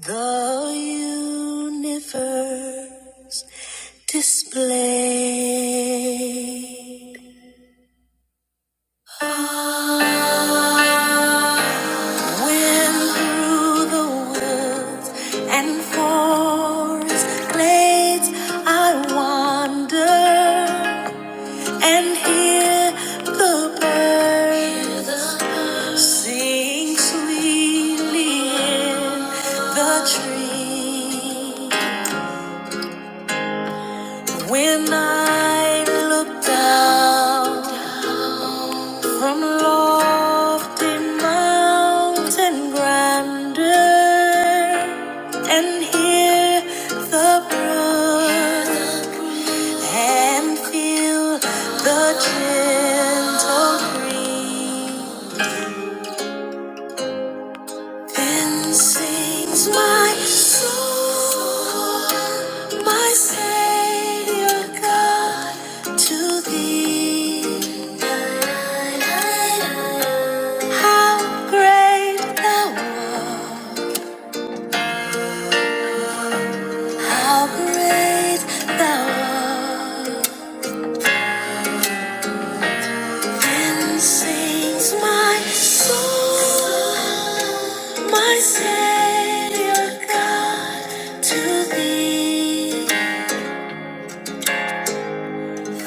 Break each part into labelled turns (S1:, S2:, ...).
S1: The universe displayed. Ah, went through the woods and forest glades. I wander and hear the birds sing sweetly in the tree. When I look down from lofty mountain grandeur and hear the brook and feel the gentle breeze. Then sings my soul, my Savior God, to thee. How great thou art, how great thou art. Then sings my soul, my Savior God, to thee.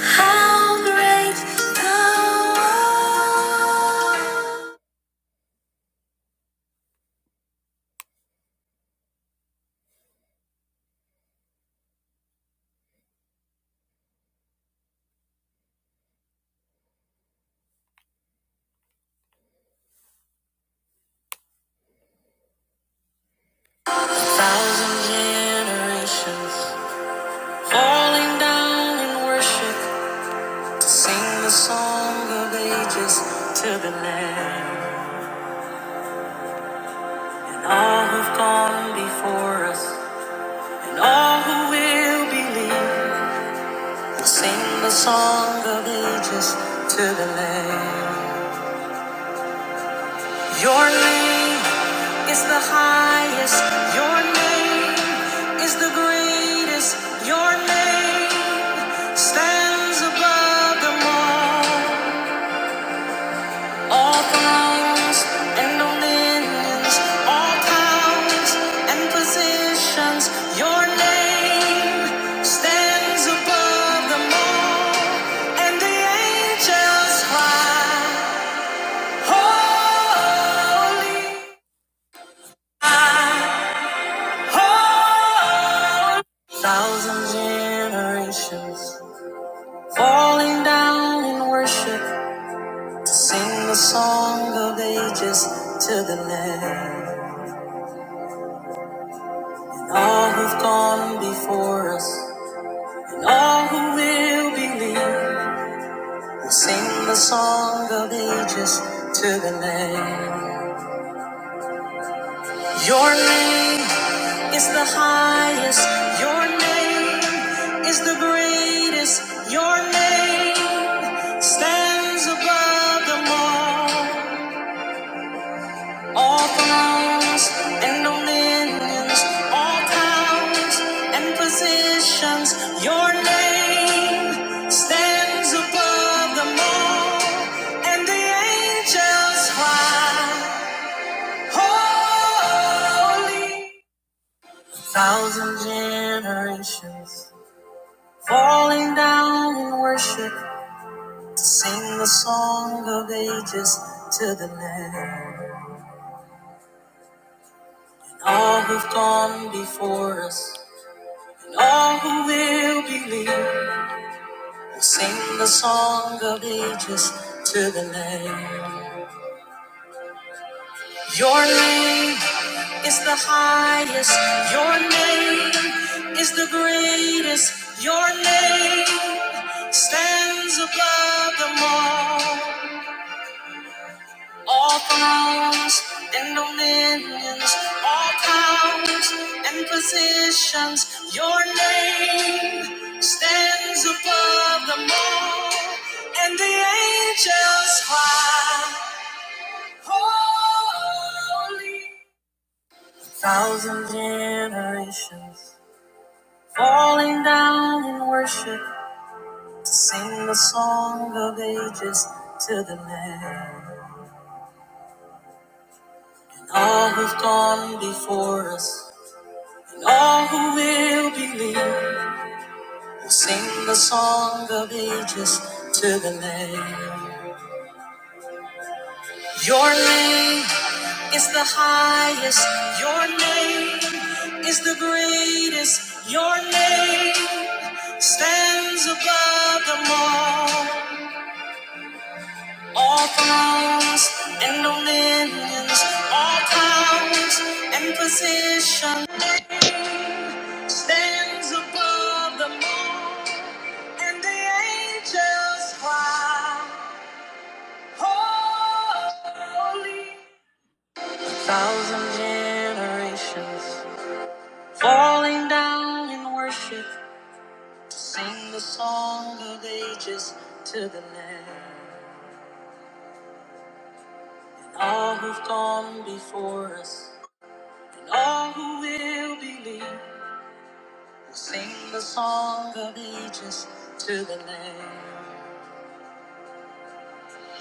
S1: How great thou art. Thousand generations falling down in worship to sing the song of ages to the Lamb. And all who've gone before us and all who will believe will sing the song of ages to the Lamb. Your name is the highest. Your name is the greatest. Your name stands above them all. All thrones and dominions, all powers and positions. Your name stands above them all. And the angels cry, Holy. Oh, thousand generations falling down in worship to sing the song of ages to the Lamb. And all who've gone before us and all who will believe will sing the song of ages to the Lamb. Your name is the highest. Your name is the greatest. Your name stands above them all. All thrones and dominions, all powers and positions. Your name stands above them all. And the angels cry, Holy. Thousand generations Falling down in worship to sing the song of ages to the Lamb. And all who've gone before us, and all who will believe, will sing the song of ages to the Lamb. Your name is the highest, your name is the greatest, your name stands above them all. All thrones and dominions, all powers and positions, your name stands above them all. And the angels cry, Holy. Thousand generations falling down in worship to sing the song of ages to the Lamb. All who've gone before us. All who will believe will sing the song of ages to the Lamb. Your name is the highest. Your name is the greatest. Your name stands above them all. All thrones and dominions, all powers and position stands above them all, and the angels cry, Holy. Thousand generations falling down in worship to sing the song of ages to the Lamb. All who've gone before us. All who will believe will sing the song of ages to the Lamb.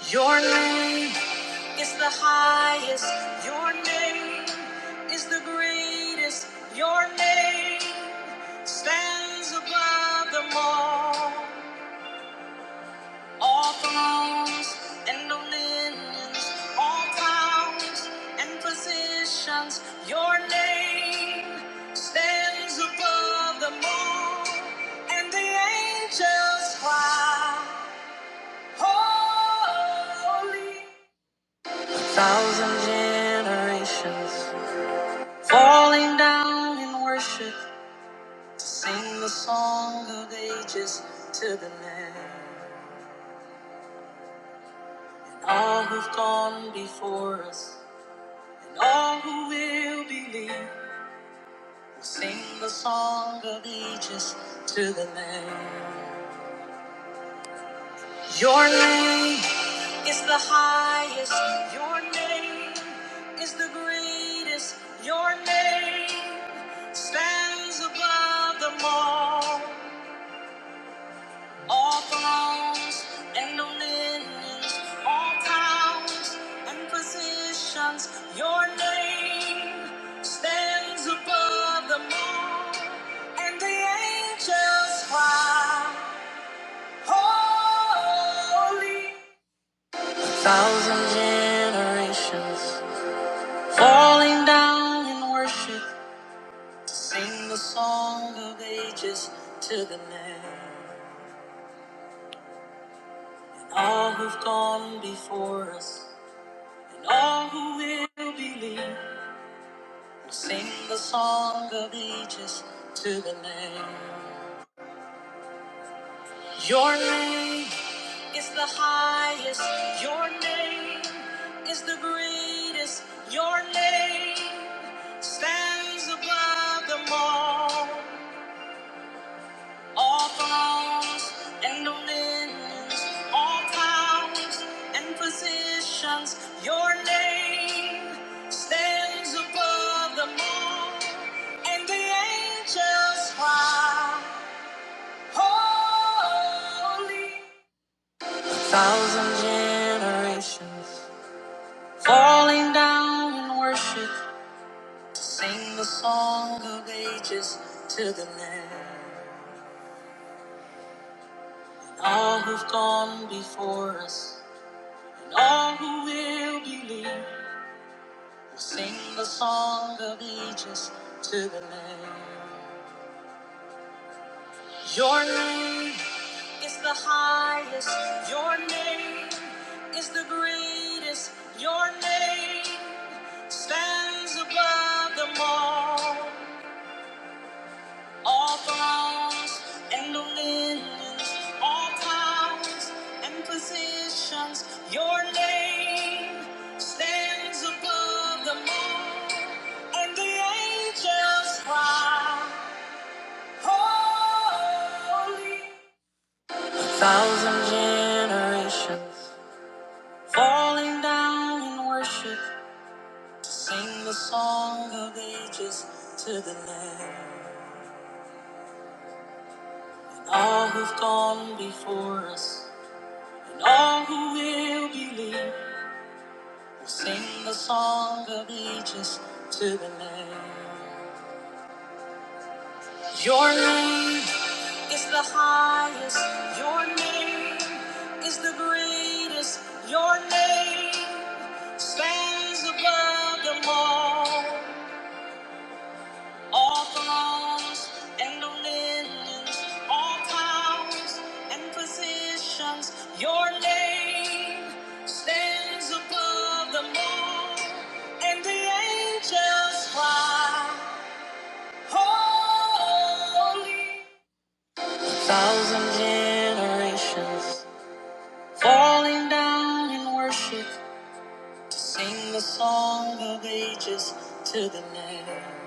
S1: Your name is the highest. Your name is the greatest. Your name stands above them all. All thrones and dominions, all powers and positions, your name stands above them all. And the angels cry, Holy. Thousand generations falling down in worship to sing the song of ages to the Lamb. All who've gone before us All who will believe will sing the song of ages to the Lamb. Your name is the highest. Your name is the greatest. Your name stands above them all. All thrones and dominions, all powers and positions, your name stands above them all. And the angels cry, Holy. Thousand generations falling down in worship, sing the song of ages to the Lamb. All who've gone before us. All who will believe will sing the song of ages to the Lamb. Your name is the highest. Your name is the greatest. Your name stands above them all. all thrones and dominions, all powers and positions. Your name stands above them all, and the angels cry, Holy. Thousand generations falling down in worship to sing the song of ages to the Lamb. All who've gone before us. All who will believe will sing the song of ages to the Lamb. Your name is the highest. Your name is the greatest. Your name stands above them all. all thrones and dominions, all powers and positions. Your name stands above them all, and the angels cry, Holy. a Thousand generations falling down in worship to sing the song of ages to the Lamb. All who've gone before us And all who will believe will sing the song of ages to the Lamb. Your name is the highest. Your name is the greatest. Your name stands above them all. All thrones and dominions, all powers and positions, your name stands above them all. And the angels cry, Holy. Thousand generations falling down in worship to sing the song of ages to the Lamb.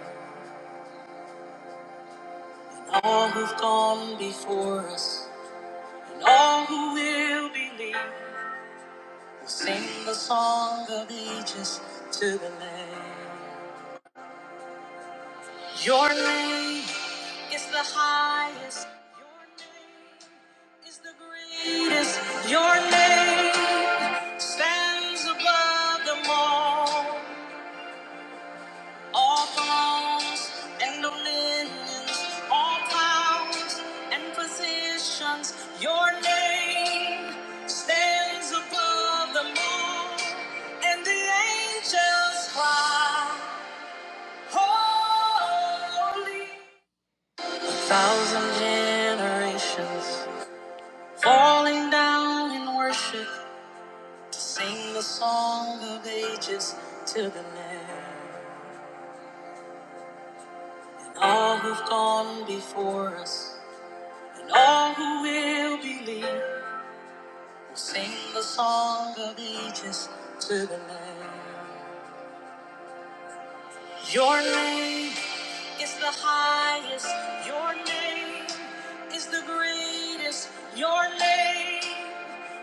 S1: All who've gone before us. All who will believe will sing the song of ages to the Lamb. Your name is the highest. Your name is the greatest. Your name stands above them all. All thrones and dominions, all powers and positions, your name stands above them all. And the angels cry, Holy. a Thousand generations falling down in worship to sing the song of ages to the Lamb. And all who've gone before us And all who will believe will sing the song of ages to the Lamb. Your name is the highest. Your name is the greatest. Your name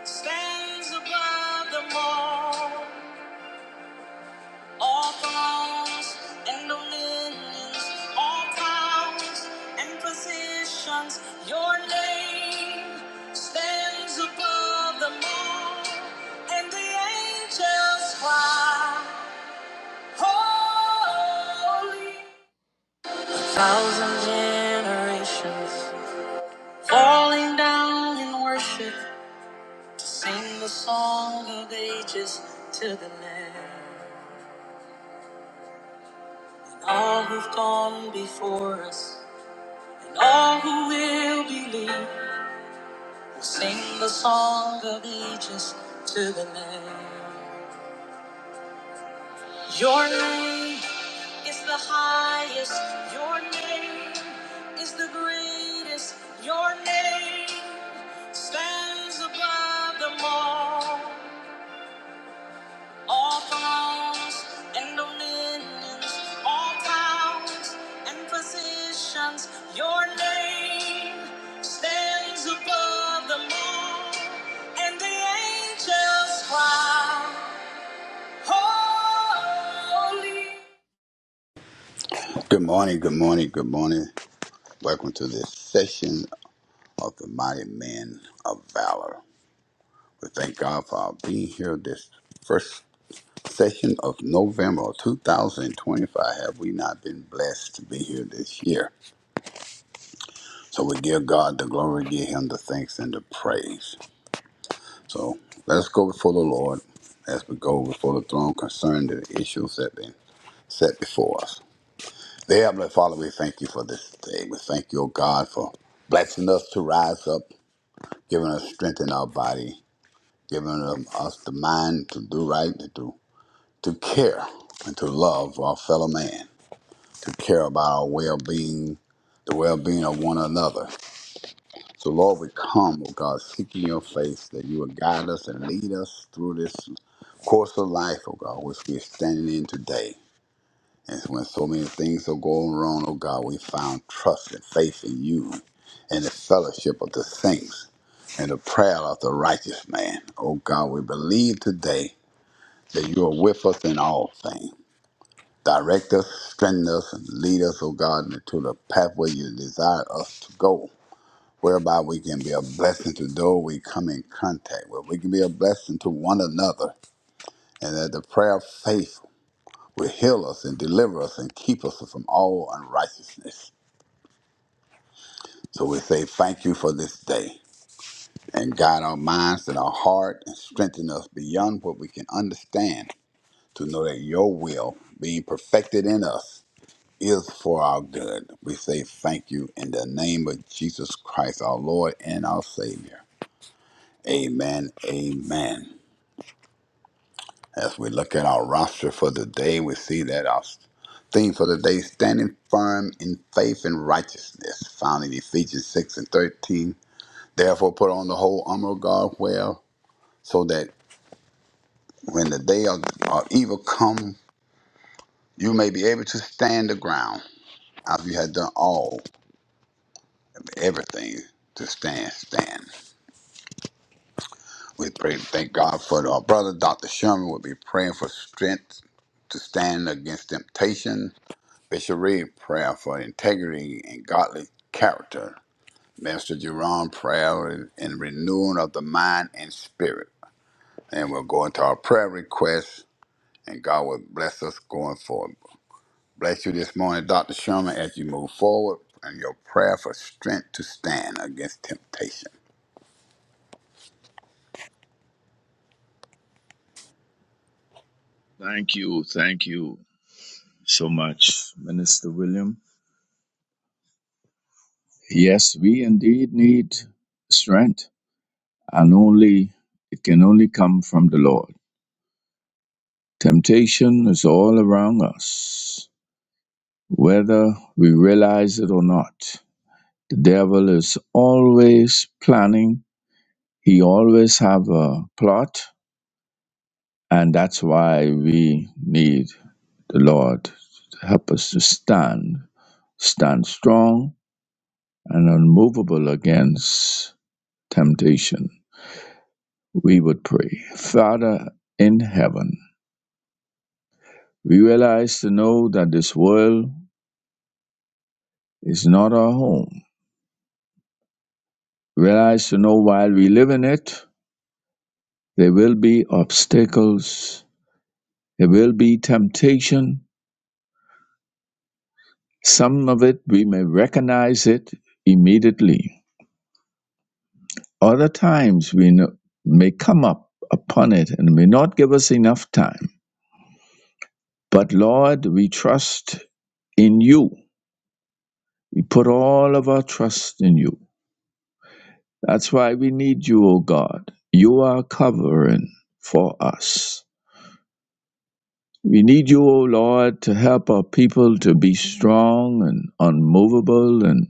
S1: stands above them all. All thrones and dominions, all powers and positions, your name stands above them all. And the angels cry, Holy. Thousand generations falling down in worship to sing the song of ages to the Lamb. All who've gone before us All who will believe will sing the song of ages to the Lamb. Your name is the highest. Your name is the greatest. Your name stands above them all. All thrones and dominions, all powers and positions, your name stands above them all. And the angels cry, Holy.
S2: Good morning, good morning, good morning. Welcome to this session of the Mighty Men of Valor. We thank God for our being here this first session of November of 2025. Have we not been blessed to be here this year? So we give God the glory, give Him the thanks and the praise. So let's go before the Lord as we go before the throne concerning the issues that have been set before us. Dear Heavenly Father, we thank you for this day. We thank you, O God, for blessing us to rise up giving us strength in our body, giving us the mind to do right, to do, to care and to love our fellow man, to care about our well-being, the well-being of one another. So, Lord, we come, oh God, seeking your face that you would guide us and lead us through this course of life, oh God, which we're standing in today. And when so many things are going wrong, oh God, we found trust and faith in you and the fellowship of the saints. and the prayer of the righteous man. Oh God, we believe today that you are with us in all things. Direct us, strengthen us, and lead us, oh God, into the pathway you desire us to go, whereby we can be a blessing to those we come in contact with. We can be a blessing to one another, and that the prayer of faith will heal us and deliver us and keep us from all unrighteousness. So we say thank you for this day and guide our minds and our heart and strengthen us beyond what we can understand to know that your will being perfected in us is for our good. We say thank you in the name of Jesus Christ, our Lord and our Savior. Amen. Amen. As we look at our roster for the day, we see that our theme for the day standing firm in faith and righteousness, found in Ephesians 6 and 13. Therefore, put on the whole armor of God, well, so that when the day of, of evil come, you may be able to stand the ground. After you had done all, everything to stand, stand. We pray, to thank God for our brother, Dr. Sherman. We'll be praying for strength to stand against temptation. Bishop Reed, prayer for integrity and godly character. Master Jerome, prayer and renewing of the mind and spirit. And we'll go into our prayer requests, and God will bless us going forward. Bless you this morning, Dr. Sherman, as you move forward, and your prayer for strength to stand against temptation.
S3: Thank you. Thank you so much, Minister William. Yes, we indeed need strength, and only it can only come from the Lord. Temptation is all around us, whether we realize it or not. The devil is always planning. He always have a plot, and that's why we need the Lord to help us to stand, stand strong, and unmovable against temptation, we would pray. Father in heaven, we realize to know that this world is not our home. Realize to know while we live in it, there will be obstacles, there will be temptation. Some of it we may recognize it immediately. Other times we may come up upon it and may not give us enough time. But Lord, we trust in you We put all of our trust in you. That's why we need you, O God. You are covering for us. We need you, O Lord, to help our people to be strong and unmovable and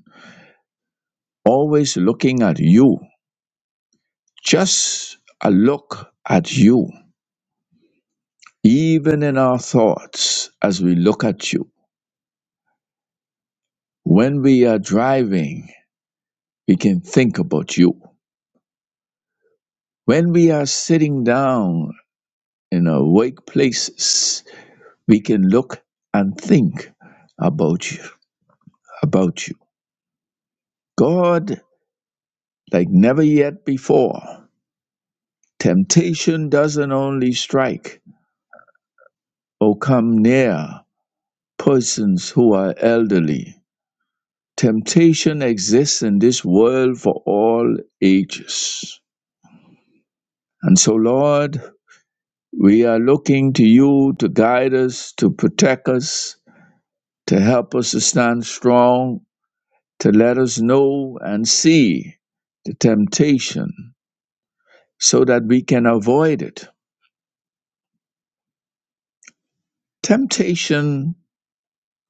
S3: always looking at you. Just a look at you, even in our thoughts as we look at you. When we are driving, we can think about you. When we are sitting down in our workplaces, we can look and think about you about you god like never yet before temptation doesn't only strike or come near persons who are elderly temptation exists in this world for all ages and so lord we are looking to you to guide us to protect us to help us to stand strong to let us know and see the temptation so that we can avoid it. Temptation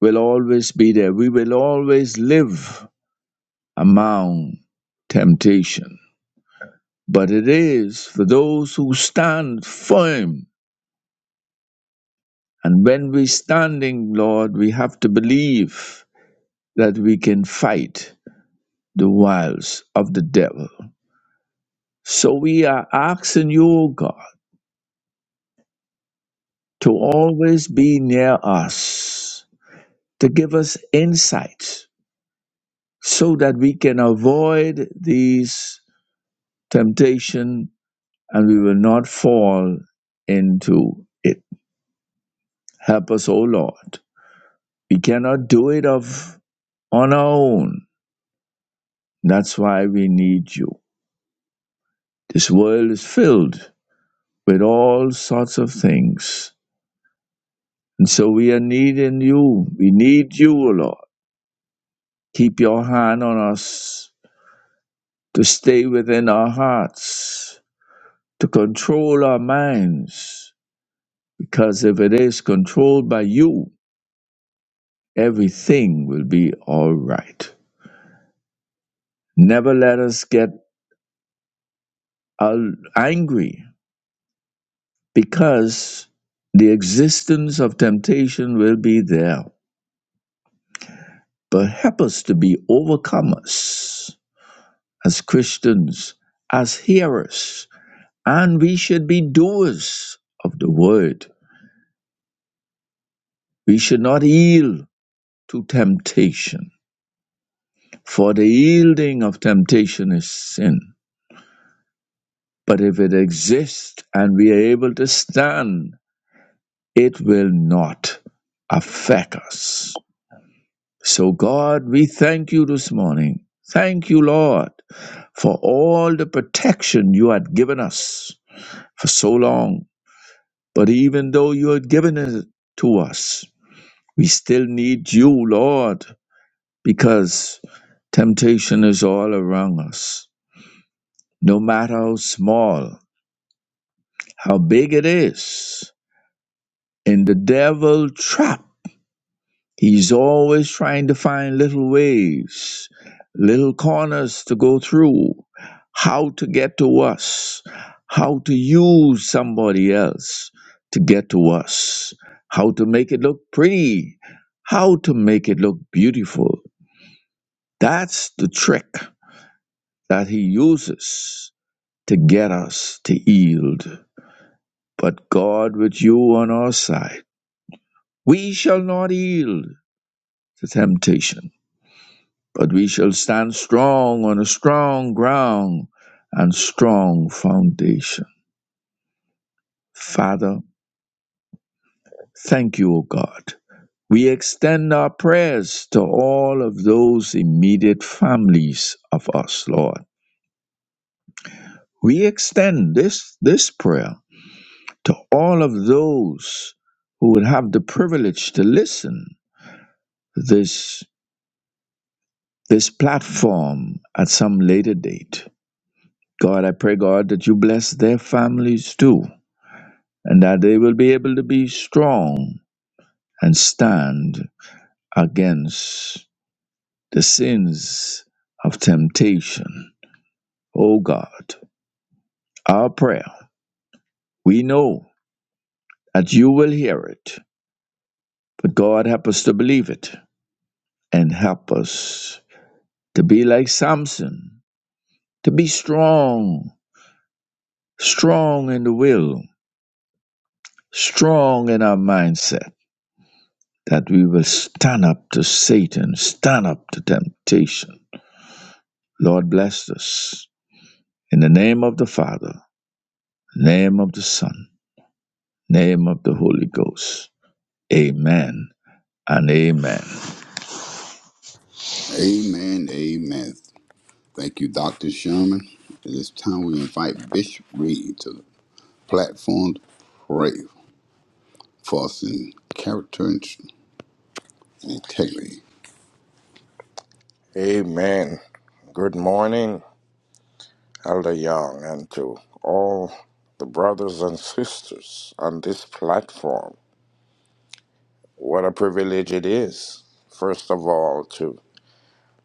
S3: will always be there. We will always live among temptation. But it is for those who stand firm. And when we're standing, Lord, we have to believe that we can fight the wiles of the devil. So we are asking you, O God, to always be near us, to give us insight so that we can avoid these temptation and we will not fall into it. Help us, O Lord. We cannot do it of on our own. That's why we need you. This world is filled with all sorts of things. And so we are needing you. We need you, O Lord. Keep your hand on us to stay within our hearts, to control our minds, Because if it is controlled by you, everything will be all right. Never let us get al- angry because the existence of temptation will be there. But help us to be overcomers as Christians, as hearers, and we should be doers of the word. We should not yield to temptation, for the yielding of temptation is sin. But if it exists and we are able to stand, it will not affect us. So, God, we thank you this morning. Thank you, Lord, for all the protection you had given us for so long. But even though you had given it to us, we still need you, Lord, because temptation is all around us, no matter how small, how big it is. In the devil trap, He's always trying to find little ways, little corners to go through, how to get to us, how to use somebody else to get to us, how to make it look pretty, how to make it look beautiful. That's the trick that he uses to get us to yield. But God, with you on our side, we shall not yield to temptation But we shall stand strong on a strong ground and strong foundation. Father, thank you, O God. We extend our prayers to all of those immediate families of us, Lord. We extend this, this prayer to all of those who would have the privilege to listen to this, this platform at some later date. God, I pray, God, that you bless their families too. and that they will be able to be strong and stand against the sins of temptation. O God, our prayer, we know that you will hear it, but God, help us to believe it and help us to be like Samson, to be strong, strong in the will, strong in our mindset, that we will stand up to Satan, stand up to temptation. Lord, bless us. In the name of the Father, name of the Son, name of the Holy Ghost. Amen and amen.
S2: Amen. Amen. Thank you, Dr. Sherman. At this time, we invite Bishop Reed to the platform to pray for us in character and integrity.
S4: Amen. Good morning, Elder Young, and to all the brothers and sisters on this platform. What a privilege it is, first of all, to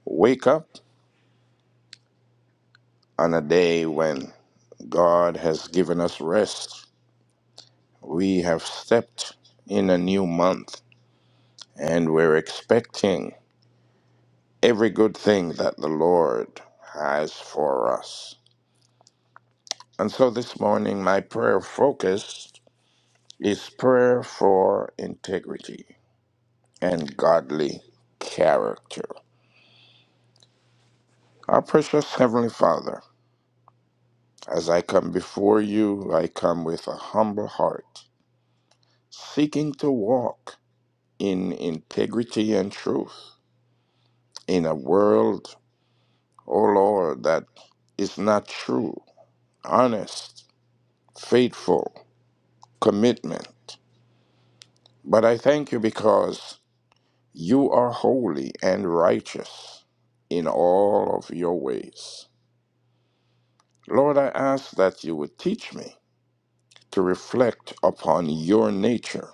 S4: wake up on a day when God has given us rest. We have stepped in a new month, and we're expecting every good thing that the Lord has for us. And so this morning, my prayer focus is prayer for integrity and godly character. Our precious Heavenly Father, as I come before you, I come with a humble heart, seeking to walk in integrity and truth in a world, O Lord, that is not true, honest, faithful, commitment. But I thank you because you are holy and righteous in all of your ways. Lord, I ask that you would teach me to reflect upon your nature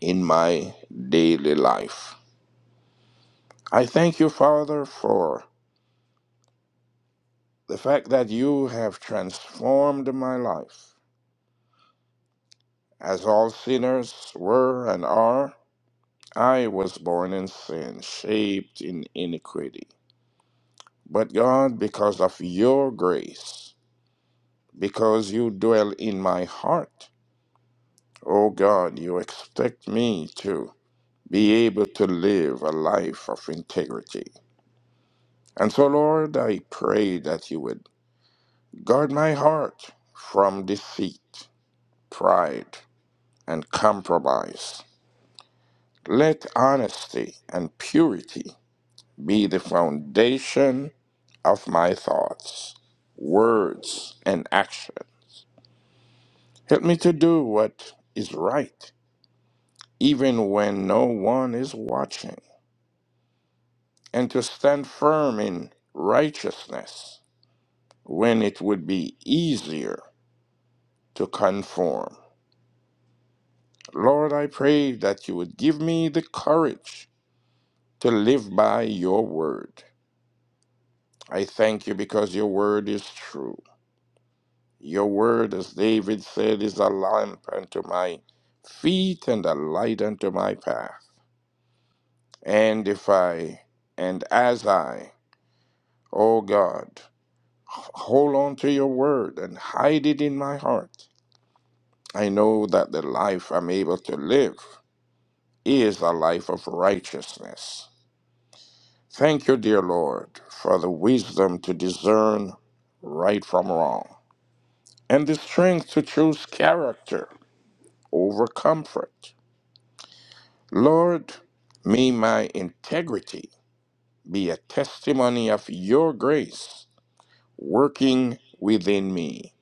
S4: in my daily life. I thank you, Father, for the fact that you have transformed my life. As all sinners were and are, I was born in sin, shaped in iniquity. But God, because of your grace, because you dwell in my heart, oh God, you expect me to be able to live a life of integrity. And so, Lord, I pray that you would guard my heart from deceit, pride, and compromise. Let honesty and purity be the foundation of my thoughts, words, and action. Help me to do what is right, even when no one is watching, and to stand firm in righteousness when it would be easier to conform. Lord, I pray that you would give me the courage to live by your word. I thank you because your word is true. Your word, as David said, is a lamp unto my feet and a light unto my path. And if I, and as I, O God, hold on to your word and hide it in my heart, I know that the life I'm able to live is a life of righteousness. Thank you, dear Lord, for the wisdom to discern right from wrong and the strength to choose character over comfort. Lord, may my integrity be a testimony of your grace working within me.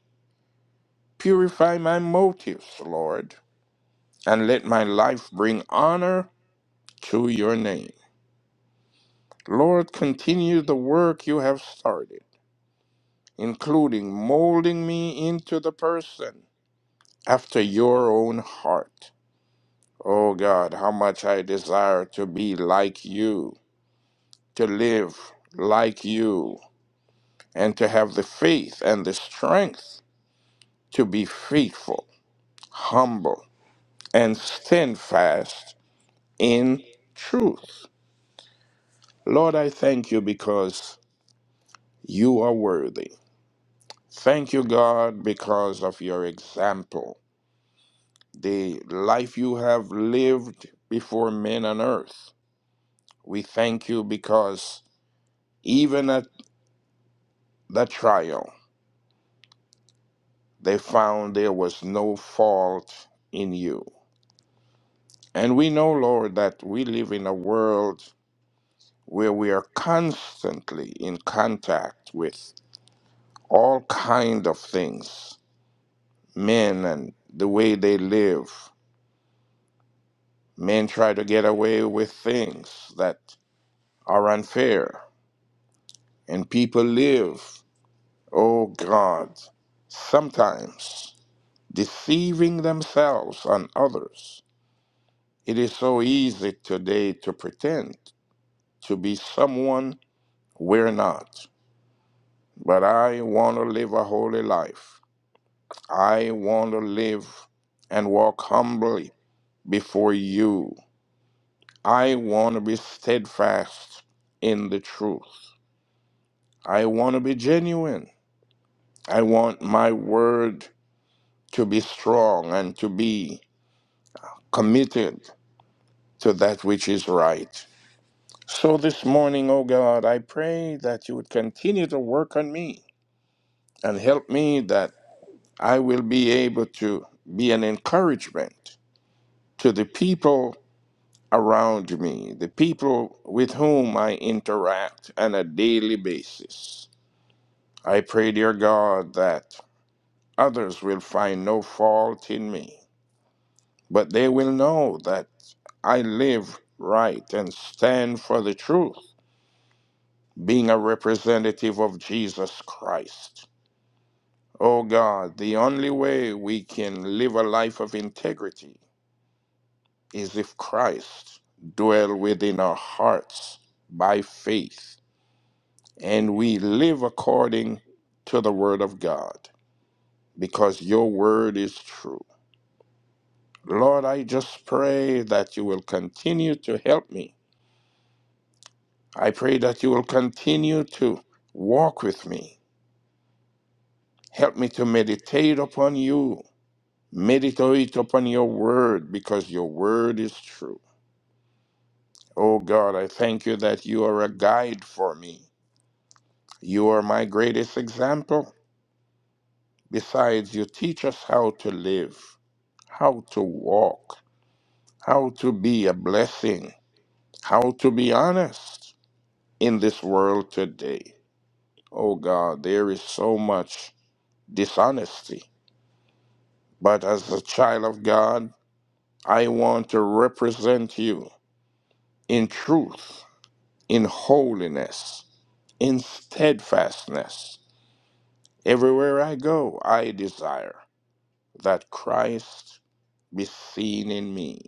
S4: Purify my motives, Lord, and let my life bring honor to your name. Lord, continue the work you have started including molding me into the person after your own heart. Oh God, how much I desire to be like you, to live like you, and to have the faith and the strength to be faithful, humble, and steadfast in truth. Lord, I thank you because you are worthy. Thank you, God, because of your example. the life you have lived before men on earth. We thank you because even at the trial, they found there was no fault in you. And we know, Lord, that we live in a world where we are constantly in contact with all kind of things, men and the way they live. Men try to get away with things that are unfair, and people live Oh God, sometimes deceiving themselves and others, it is so easy today to pretend to be someone we're not. But I want to live a holy life. I want to live and walk humbly before you. I want to be steadfast in the truth. I want to be genuine. I want my word to be strong and to be committed to that which is right. So this morning, O God, I pray that you would continue to work on me and help me that I will be able to be an encouragement to the people around me, the people with whom I interact on a daily basis. I pray, dear God, that others will find no fault in me, but they will know that I live right and stand for the truth being a representative of Jesus Christ. Oh God, the only way we can live a life of integrity is if Christ dwell within our hearts by faith and we live according to the word of God because your word is true. Lord, I just pray that you will continue to help me. I pray that you will continue to walk with me. Help me to meditate upon you Meditate upon your word because your word is true. Oh God, I thank you that you are a guide for me. You are my greatest example. Besides, you teach us how to live, how to walk, how to be a blessing, how to be honest in this world today. Oh God, there is so much dishonesty. But as a child of God, I want to represent you in truth, in holiness in steadfastness. Everywhere I go, I desire that Christ be seen in me.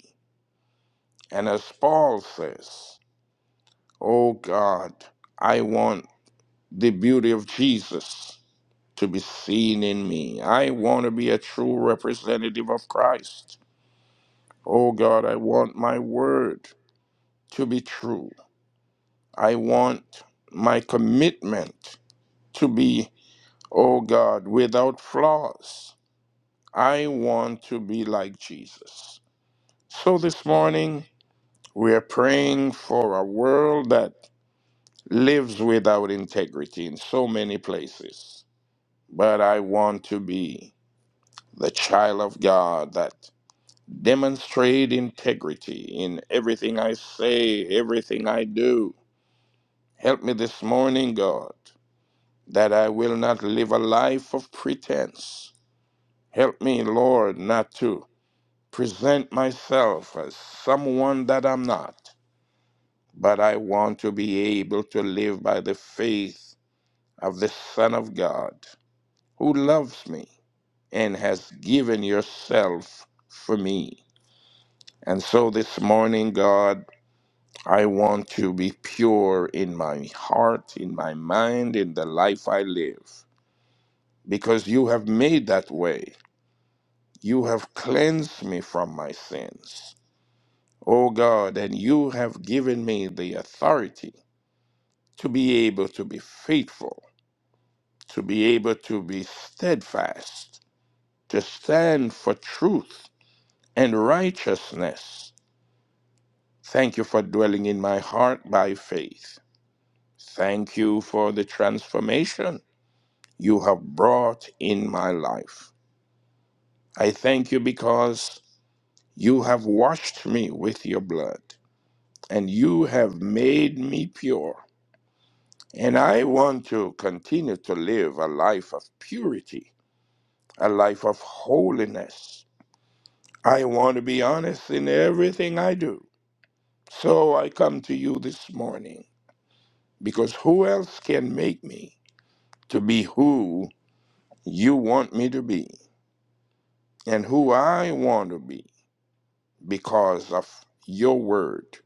S4: And as Paul says, Oh God, I want the beauty of Jesus to be seen in me. I want to be a true representative of Christ. Oh God, I want my word to be true. I want my commitment to be, oh God, without flaws. I want to be like Jesus. So this morning, we are praying for a world that lives without integrity in so many places. But I want to be the child of God that demonstrate integrity in everything I say, everything I do. Help me this morning, God, that I will not live a life of pretense. Help me, Lord, not to present myself as someone that I'm not, but I want to be able to live by the faith of the Son of God who loves me and has given yourself for me. And so this morning, God, I want to be pure in my heart, in my mind, in the life I live, because you have made that way. You have cleansed me from my sins. O God, and you have given me the authority to be able to be faithful, to be able to be steadfast, to stand for truth and righteousness. Thank you for dwelling in my heart by faith. Thank you for the transformation you have brought in my life. I thank you because you have washed me with your blood and you have made me pure. And I want to continue to live a life of purity, a life of holiness. I want to be honest in everything I do. So I come to you this morning because who else can make me to be who you want me to be and who I want to be because of your word,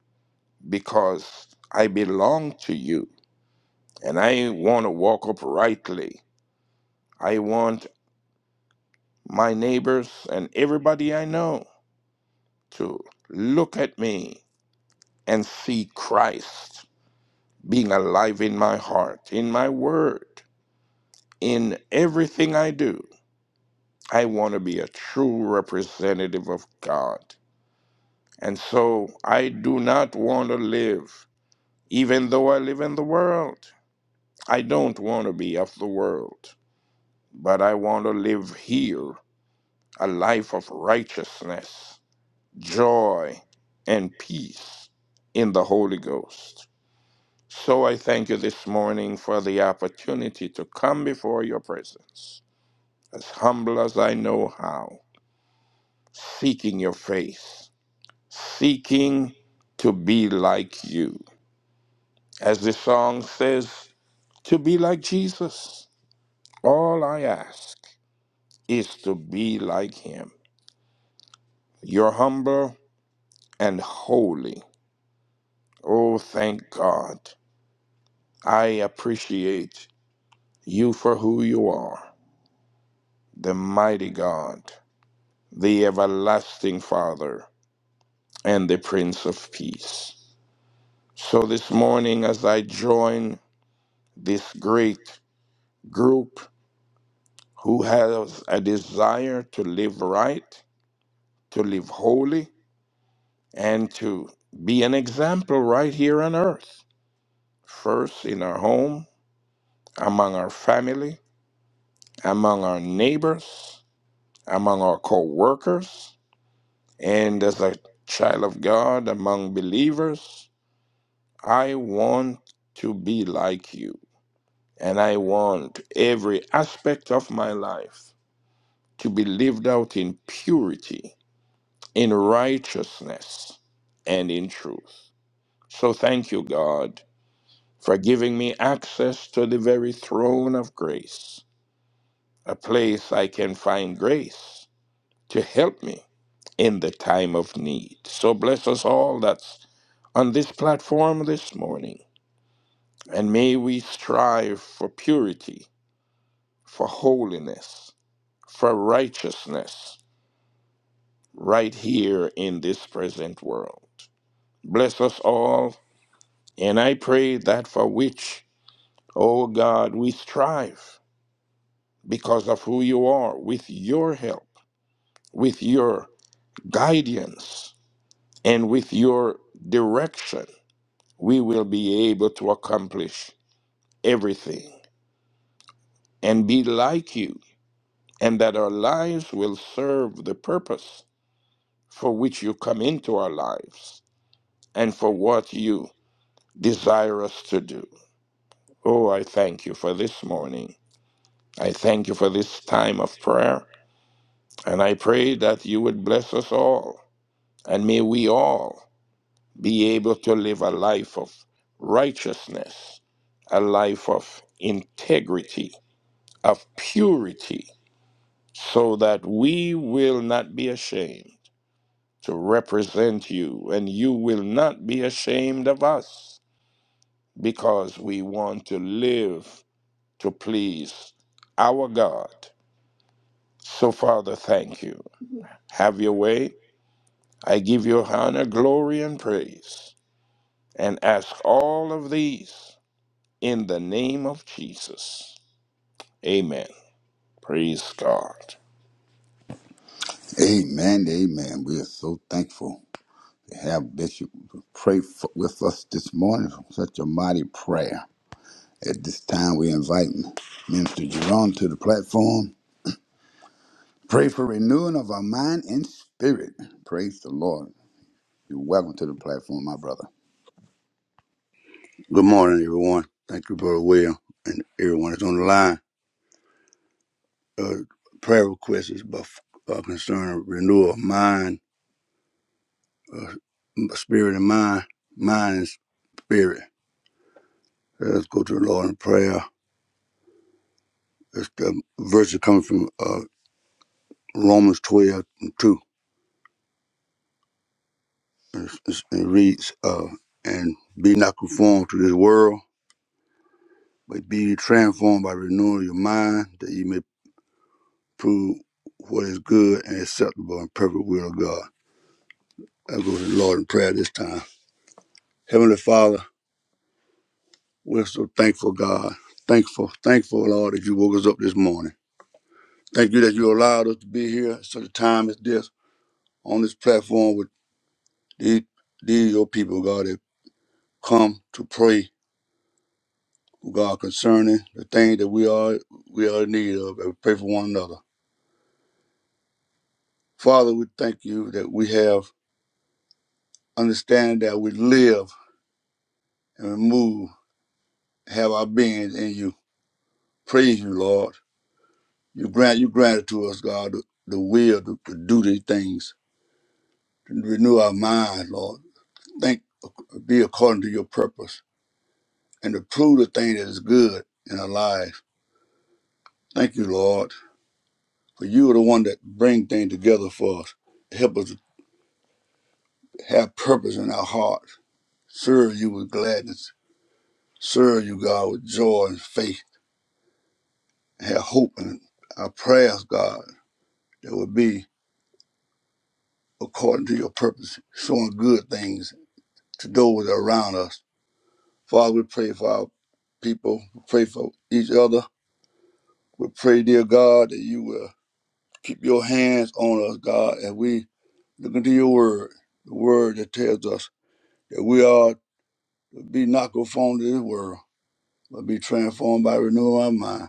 S4: because I belong to you and I want to walk uprightly. I want my neighbors and everybody I know to look at me and see Christ being alive in my heart, in my word, in everything I do. I want to be a true representative of God. And so I do not want to live, even though I live in the world. I don't want to be of the world, but I want to live here a life of righteousness, joy, and peace in the Holy Ghost. So I thank you this morning for the opportunity to come before your presence, as humble as I know how, seeking your face, seeking to be like you. As the song says, to be like Jesus. All I ask is to be like him. You're humble and holy. Oh, thank God. I appreciate you for who you are, the mighty God the everlasting Father, and the Prince of Peace. So this morning, as I join this great group who has a desire to live right, to live holy, and to be an example right here on earth, first in our home, among our family, among our neighbors, among our co workers, and as a child of God, among believers, I want to be like you. And I want every aspect of my life to be lived out in purity, in righteousness, and in truth. So thank you, God, for giving me access to the very throne of grace, a place I can find grace to help me in the time of need. So bless us all that's on this platform this morning, and may we strive for purity for holiness, for righteousness, right here in this present world. Bless us all, and I pray that for which, O God, we strive because of who you are, with your help, with your guidance, and with your direction, we will be able to accomplish everything and be like you, and that our lives will serve the purpose for which you come into our lives and for what you desire us to do. Oh, I thank you for this morning. I thank you for this time of prayer. And I pray that you would bless us all. And may we all be able to live a life of righteousness, a life of integrity, of purity, so that we will not be ashamed to represent you, and you will not be ashamed of us because we want to live to please our God. So, Father, thank you. Have your way. I give you honor, glory, and praise, and ask all of these in the name of Jesus. Amen. Praise God.
S2: Amen. Amen. We are so thankful to have Bishop pray for, with us this morning from such a mighty prayer. At this time, we invite Minister Jerome to the platform. Pray for renewing of our mind and spirit. Praise the Lord. You're welcome to the platform, my brother.
S5: Good morning, everyone. Thank you, Brother Will, and everyone that's on the line. Uh, prayer request is bef- uh, concerning renewal of mind, uh, m- spirit and mind, mind and spirit. Uh, Let's go to the Lord in prayer. It's the verse that comes from uh, Romans 12 and 2. It's- it's- It reads, uh, And be not conformed to this world, but be ye transformed by renewing your mind, that ye may prove what is good and acceptable and perfect will of God. I go to the Lord in prayer this time. Heavenly Father, we're so thankful, God. Thankful, thankful, Lord, that you woke us up this morning. Thank you that you allowed us to be here at such a time as this on this platform with these, these your people, God, that come to pray, oh God, concerning the things that we are we are in need of and pray for one another. Father, we thank you that we have understand that we live and we move, have our being in you. Praise you, Lord. You grant you granted to us, God, the, the will to, to do these things. renew our minds, Lord. Think be according to your purpose and to prove the thing that is good in our lives. Thank you, Lord, for you are the one that bring things together for us. Help us to have purpose in our hearts. Serve you with gladness. Serve you, God, with joy and faith. Have hope in our prayers, God, that will be according to your purpose, showing good things to those around us Father, we pray for our people, we pray for each other. We pray, dear God, that you will keep your hands on us, God, as we look into your word, the word that tells us that we are to be not conformed to this world, but be transformed by renewing our mind.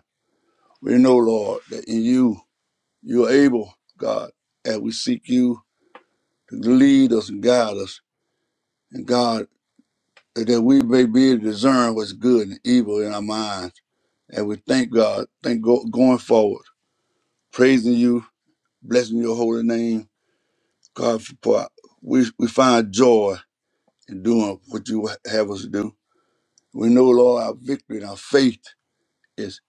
S5: We know, Lord, that in you, you are able, God, as we seek you to lead us and guide us. And God, that we may be able to discern what's good and evil in our minds. And we thank God, thank go, going forward. praising you, blessing your holy name. God, for we, we find joy in doing what you have us to do. We know, Lord, our victory and our faith is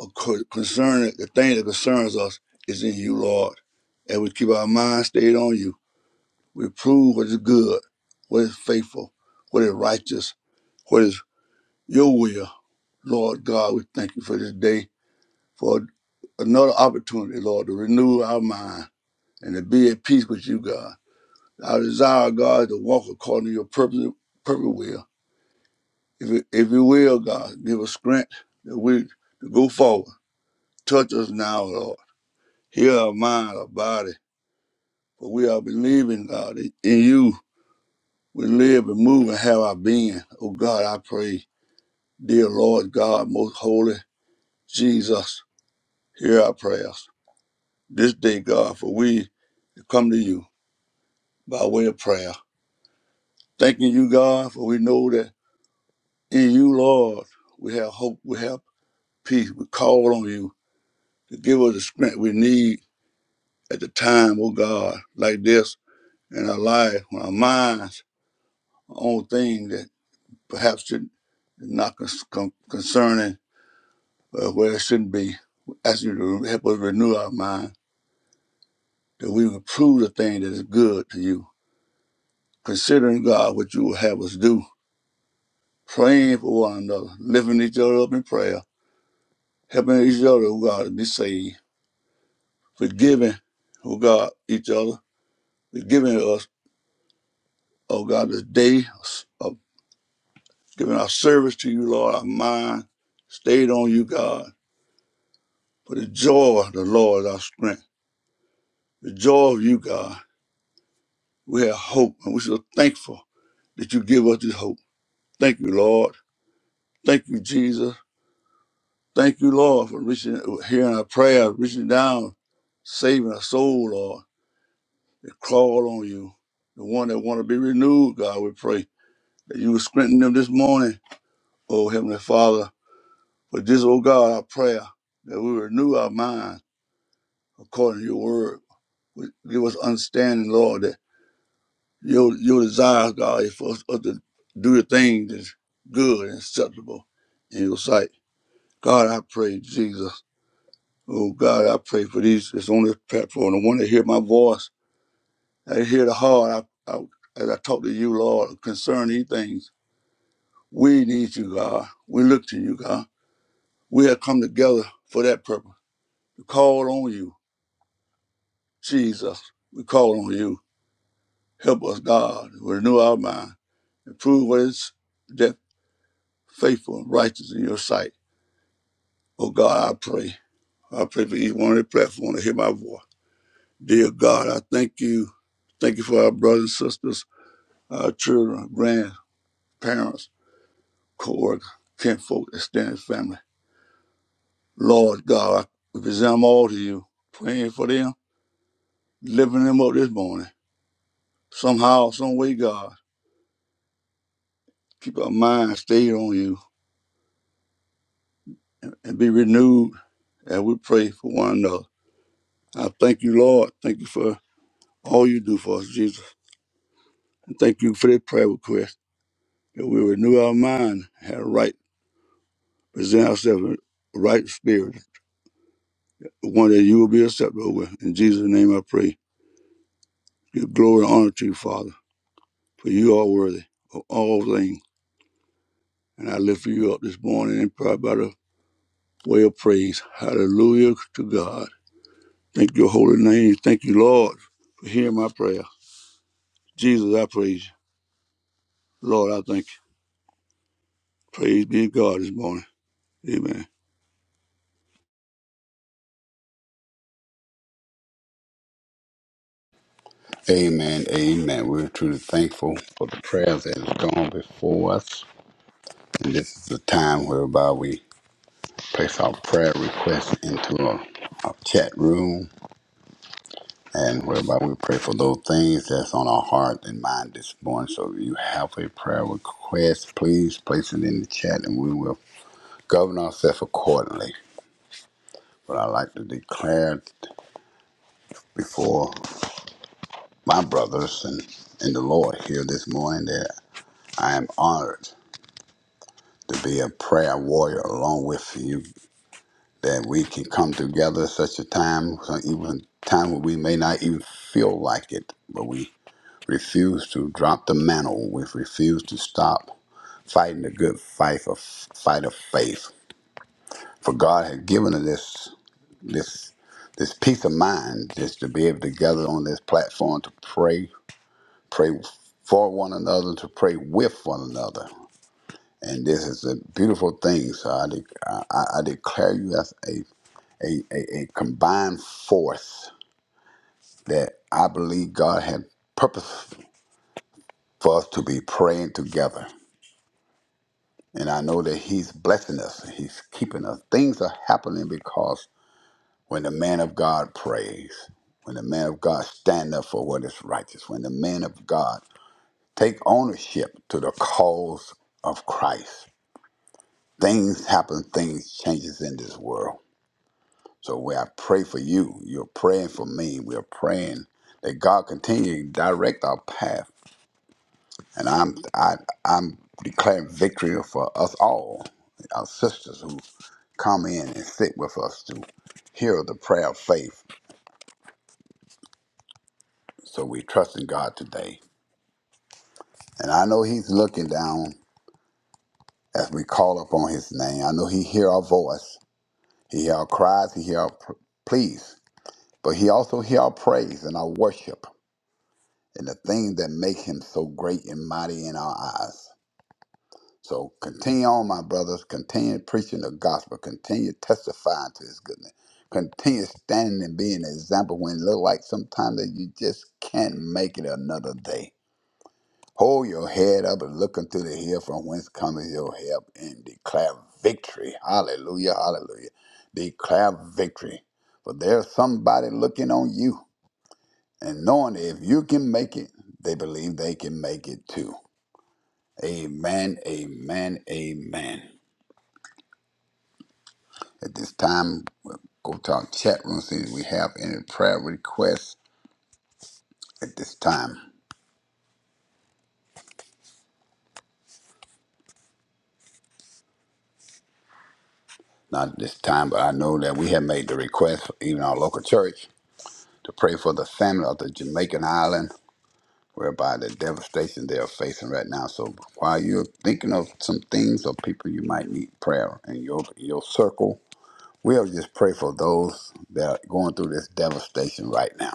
S5: a co- concerning the thing that concerns us is in you, Lord. And we keep our mind stayed on you. We prove what is good, what is faithful, what is righteous, what is your will. Lord God, we thank you for this day, for another opportunity, Lord, to renew our mind and to be at peace with you, God I desire, God, to walk according to your perfect, perfect will. If it, if you will, God, give us strength that we to go forward. Touch us now, Lord. Heal our mind, our body. For we are believing, God, in in you. We live and move and have our being. Oh God, I pray. Dear Lord God, most holy Jesus, hear our prayers. This day, God, for we come to you by way of prayer. Thanking you, God, for we know that in you, Lord, we have hope, we have peace. We call on you to give us the strength we need at the time, oh God, like this in our life, when our minds are on things that perhaps should not con- con- concerning uh, where it shouldn't be. We Ask you to help us renew our mind, that we would prove the thing that is good to you. Considering God what you will have us do, praying for one another, lifting each other up in prayer, helping each other, oh God, to be saved, forgiving, oh God, each other, forgiving us Oh God, this day of giving our service to you, Lord, our mind stayed on you, God. For the joy of the Lord is our strength. The joy of you, God. We have hope, and we're so thankful that you give us this hope. Thank you, Lord. Thank you, Jesus. Thank you, Lord, for reaching, hearing our prayers, reaching down, saving our soul, Lord. They call on you. The one that want to be renewed, God, we pray that you will strengthen them this morning. Oh, Heavenly Father, But this, oh God, our prayer that we renew our mind according to your word. Give us understanding, Lord, that your your desire, God, is for us to do the things that's good and acceptable in your sight. God, I pray, Jesus. Oh God, I pray for these that's on this platform. The one that hear my voice, that hear the heart, I, I, as I talk to you, Lord, concerning these things. We need you, God. We look to you, God. We have come together for that purpose, to call on you Jesus, we call on you. Help us, God, renew our mind and prove what is that faithful and righteous in your sight. Oh God, I pray. I pray for each one on the platform to hear my voice. Dear God, I thank you. Thank you for our brothers and sisters, our children, grandparents, co-workers, kinfolk, extended family. Lord God, I present them all to you, praying for them, lifting them up this morning. Somehow, some way, God, keep our minds stayed on you and be renewed and we pray for one another. I thank you, Lord. Thank you for all you do for us, Jesus. And thank you for that prayer request that we renew our mind, have a right, present ourselves in a right spirit, one that you will be acceptable with. In Jesus' name I pray. Give glory and honor to you, Father, for you are worthy of all things. And I lift you up this morning in prayer by the way of praise. Hallelujah to God. Thank your holy name. Thank you, Lord, for hearing my prayer. Jesus, I praise you. Lord, I thank you. Praise be to God this morning. Amen.
S2: Amen, amen. We're truly thankful for the prayers that has gone before us. And this is the time whereby we place our prayer requests into a, a chat room and whereby we pray for those things that's on our heart and mind this morning. So if you have a prayer request, please place it in the chat and we will govern ourselves accordingly. But I like to declare before my brothers and, and the Lord here this morning that I am honored to be a prayer warrior along with you, that we can come together at such a time, so even time where we may not even feel like it, but we refuse to drop the mantle. We refuse to stop fighting the good fight of fight of faith. For God has given us this this this peace of mind just to be able to gather on this platform to pray, pray for one another, to pray with one another. and this is a beautiful thing. So I, de- I, I I declare you as a, a, a, a combined force that I believe God had purpose for us to be praying together. And I know that He's blessing us, He's keeping us. Things are happening because when the man of God prays, when the man of God stand up for what is righteous, when the man of God take ownership to the cause of Christ, things happen, things changes in this world. So where I pray for you, you're praying for me. We're praying that God continue to direct our path. And I'm I I'm declaring victory for us all, our sisters who come in and sit with us to hear the prayer of faith. So we trust in God today. And I know He's looking down as we call upon His name. I know He hear our voice. He hear our cries. He hear our pr- pleas. But He also hear our praise and our worship. and the thing that make him so great and mighty in our eyes. So continue on, my brothers. Continue preaching the gospel. Continue testifying to his goodness. Continue standing and being an example when it look like sometimes that you just can't make it another day. Hold your head up and look unto the hill from whence cometh your help and declare victory. Hallelujah, hallelujah. Declare victory. For there's somebody looking on you and knowing that if you can make it, they believe they can make it too. Amen, amen, amen. At this time, we'll go to our chat room, see if we have any prayer requests at this time. Not at this time, but I know that we have made the request, for even our local church, to pray for the family of the Jamaican island, whereby the devastation they are facing right now. So while you're thinking of some things or people you might need prayer in your, your circle, We'll just pray for those that are going through this devastation right now.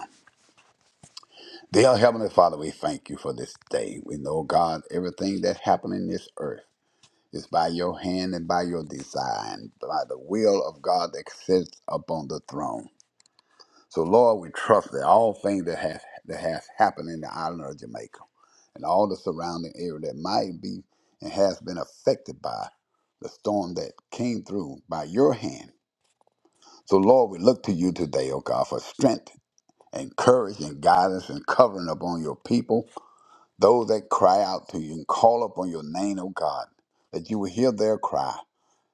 S2: Dear Heavenly Father, we thank you for this day. We know, God, everything that happened in this earth is by your hand and by your design, by the will of God that sits upon the throne. So, Lord, we trust that all things that has, that has happened in the island of Jamaica and all the surrounding area that might be and has been affected by the storm that came through by your hand. So, Lord, we look to you today, O God, for strength and courage and guidance and covering upon your people, those that cry out to you and call upon your name, O God, that you will hear their cry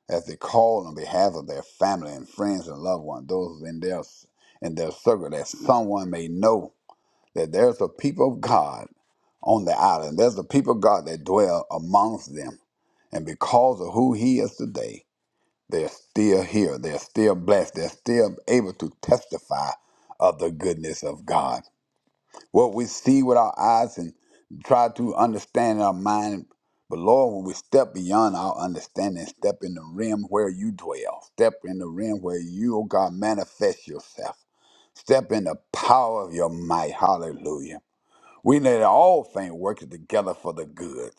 S2: as they call on behalf of their family and friends and loved ones, those in their in their circle, that someone may know that there's a people of God on the island. There's a people of God that dwell amongst them. And because of who he is today, they're still here. They're still blessed. They're still able to testify of the goodness of God what we see with our eyes and try to understand in our mind. But Lord, when we step beyond our understanding, step in the rim where you dwell, step in the rim where you, oh God, manifest yourself, step in the power of your might. Hallelujah. We know that all things work together for the good.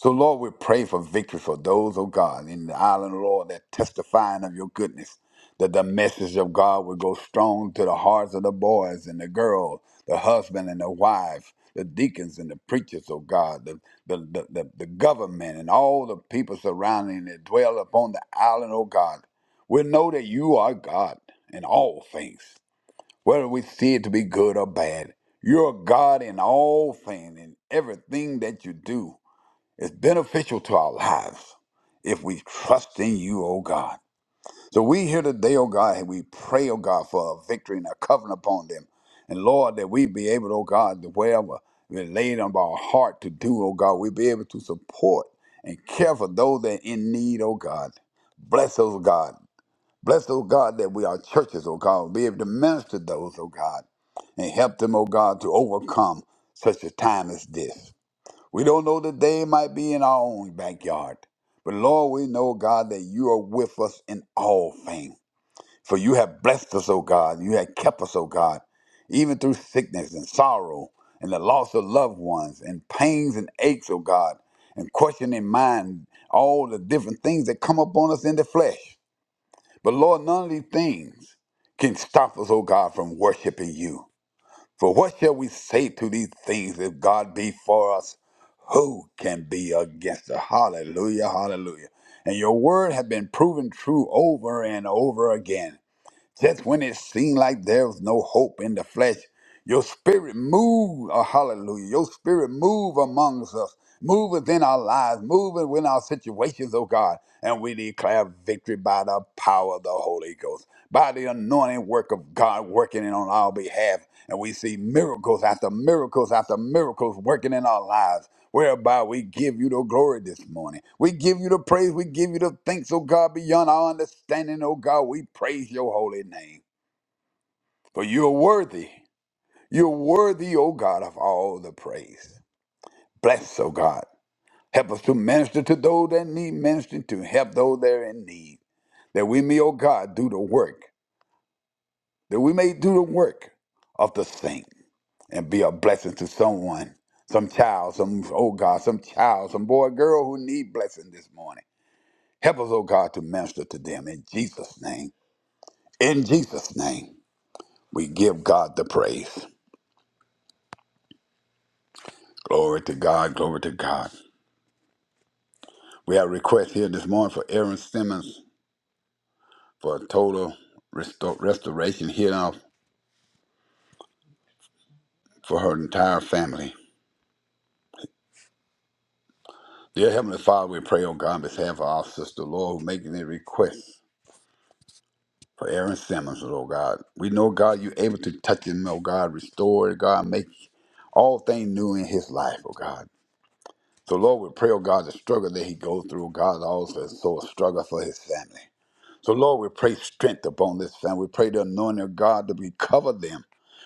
S2: So, Lord, we pray for victory for those, oh God, in the island, Lord, that testifying of your goodness, that the message of God will go strong to the hearts of the boys and the girls, the husband and the wife, the deacons and the preachers, oh God, the, the, the, the, the government and all the people surrounding that dwell upon the island, oh God. We know that you are God in all things, whether we see it to be good or bad. You're God in all things, in everything that you do. It's beneficial to our lives if we trust in you, O God. So we here today, O God, and we pray, O God, for a victory and a covenant upon them. And Lord, that we be able, O God, to wherever we laid on our heart to do, O God, we be able to support and care for those that are in need, O God. Bless those, God. Bless those, God, that we are churches, O God, will be able to minister to those, O God, and help them, O God, to overcome such a time as this. We don't know the day it might be in our own backyard. But Lord, we know, God, that you are with us in all things. For you have blessed us, O God. You have kept us, O God, even through sickness and sorrow and the loss of loved ones and pains and aches, O God, and questioning mind, all the different things that come upon us in the flesh. But Lord, none of these things can stop us, O God, from worshiping you. For what shall we say to these things? If God be for us, who can be against us? Hallelujah, hallelujah. And your word have been proven true over and over again. Just when it seemed like there was no hope in the flesh, your spirit moved, oh, hallelujah. Your spirit moved amongst us Move within our lives, move within our situations, oh God, and we declare victory by the power of the Holy Ghost, by the anointing work of God working in on our behalf. And we see miracles after miracles after miracles working in our lives, whereby we give you the glory this morning. We give you the praise, we give you the thanks, oh God, beyond our understanding, oh God. We praise your holy name, for you're worthy. You're worthy, O God, of all the praise. Bless, O God. Help us to minister to those that need ministering to, help those that are in need, that we may, O God, do the work, that we may do the work of the saint and be a blessing to someone, some child, some, oh God, some child, some boy, girl who need blessing this morning. Help us, oh God, to minister to them in Jesus' name. In Jesus' name, we give God the praise. Glory to God, glory to God. We have requests here this morning for Aaron Simmons for a total resto- restoration here for her entire family. Dear Heavenly Father, we pray, oh God, on behalf of our sister, Lord, who making a request for Aaron Simmons, oh God. We know, God, you're able to touch him, oh God, restore, it, God, make all things new in his life, oh God. So, Lord, we pray, oh God, the struggle that he goes through, oh God, also is so a struggle for his family. So, Lord, we pray strength upon this family. We pray the anointing of God to be cover them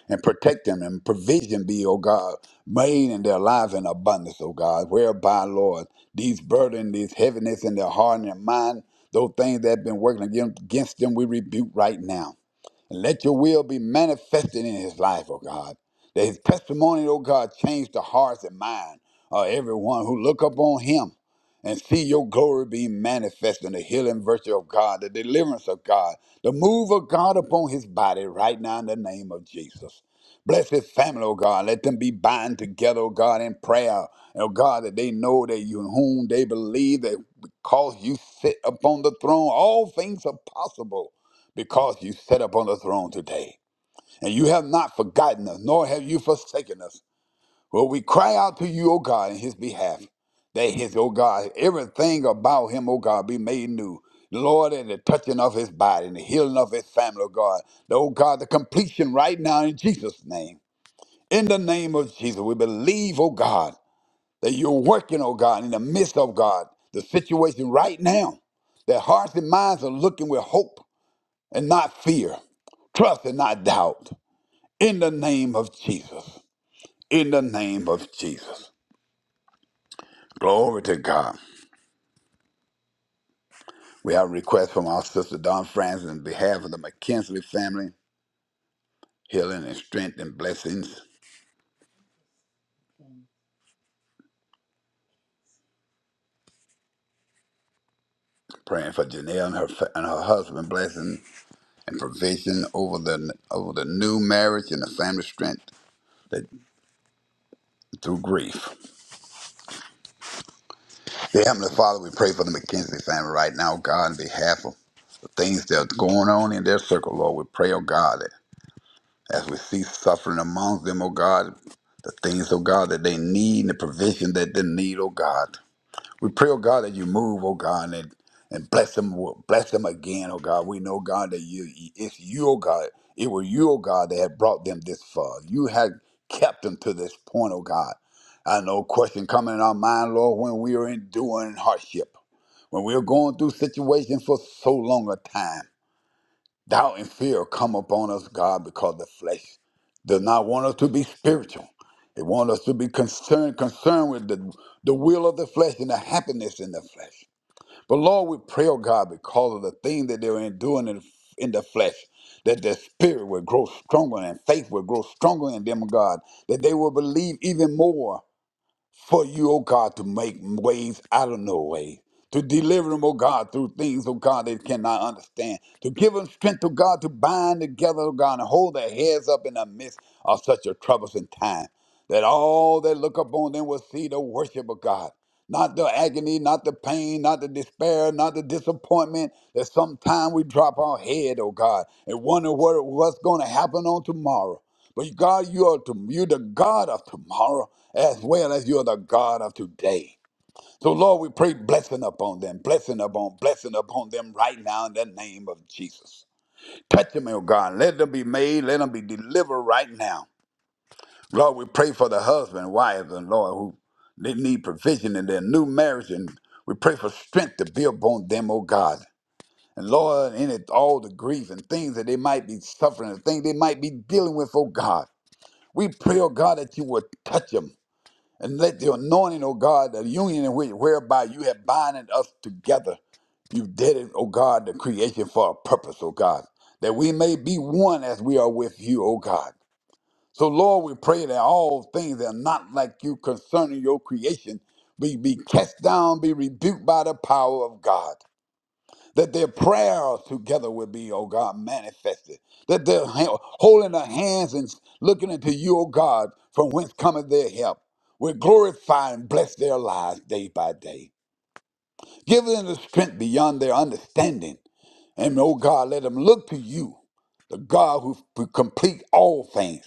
S2: and protect them and provision be, O God, made in their lives in abundance, O God, whereby, Lord, these burden, these heaviness in their heart and their mind, those things that have been working against against them, we rebuke right now. And let your will be manifested in his life, oh God. That his testimony, oh God, change the hearts and mind of everyone who look upon him and see your glory being manifest in the healing virtue of God, the deliverance of God, the move of God upon his body right now in the name of Jesus. Bless his family, oh God. Let them be bind together, oh God, in prayer. And oh God, that they know that you in whom they believe that because you sit upon the throne, all things are possible because you sat upon the throne today. And you have not forgotten us, nor have you forsaken us. Well, we cry out to you, O God, in his behalf, that his, O God, everything about him, O God, be made new. Lord, and the touching of his body and the healing of his family, O God. O God, the completion right now in Jesus' name. In the name of Jesus, we believe, O God, that you're working, O God, in the midst of God, the situation right now. that hearts and minds are looking with hope and not fear. Trust and not doubt. In the name of Jesus. In the name of Jesus. Glory to God. We have a request from our sister Don Francis in behalf of the McKinsley family, healing and strength and blessings. Praying for Janelle and her fa- and her husband, blessing and provision over the over the new marriage and the family strength that through grief. Dear Heavenly Father, we pray for the McKenzie family right now, God, in behalf of the things that's going on in their circle, Lord. We pray, oh God, as we see suffering among them, oh God, the things, oh God, that they need and the provision that they need, oh God. We pray, oh God, that you move, oh God, and, and bless them, bless them again, oh God. We know, God, that you it's you, oh God. It was you, oh God, that had brought them this far. You had kept them to this point, oh God. I know question coming in our mind, Lord, when we are enduring hardship, when we are going through situations for so long a time. Doubt and fear come upon us, God, because the flesh does not want us to be spiritual. It wants us to be concerned, concerned with the, the will of the flesh and the happiness in the flesh. But Lord, we pray, oh God, because of the thing that they're doing in, in the flesh, that their spirit will grow stronger and faith will grow stronger in them, oh God, that they will believe even more for you, oh God, to make ways out of no way. To deliver them, oh God, through things, oh God, they cannot understand. To give them strength, oh God, to bind together, oh God, and hold their heads up in the midst of such a troublesome time. That all that look upon them will see the worship of God. Not the agony, not the pain, not the despair, not the disappointment that sometime we drop our head, oh God, and wonder what, what's going to happen on tomorrow. But God, you are to, you're the God of tomorrow as well as you're the God of today. So, Lord, we pray blessing upon them, blessing upon, blessing upon them right now in the name of Jesus. Touch them, oh God. Let them be made. Let them be delivered right now. Lord, we pray for the husband, wives, and Lord, who they need provision in their new marriage, and we pray for strength to build upon them, oh God. And Lord, in it all the grief and things that they might be suffering, the things they might be dealing with, oh God. We pray, oh God, that you would touch them and let the anointing, oh God, the union in which whereby you have binded us together. You did it, oh God, the creation for a purpose, oh God, that we may be one as we are with you, oh God. So, Lord, we pray that all things that are not like you concerning your creation be, be cast down, be rebuked by the power of God. That their prayers together will be, oh God, manifested. That they're ha- holding their hands and looking into you, oh God, from whence cometh their help. We glorify and bless their lives day by day. Give them the strength beyond their understanding. And, oh God, let them look to you, the God who, who complete all things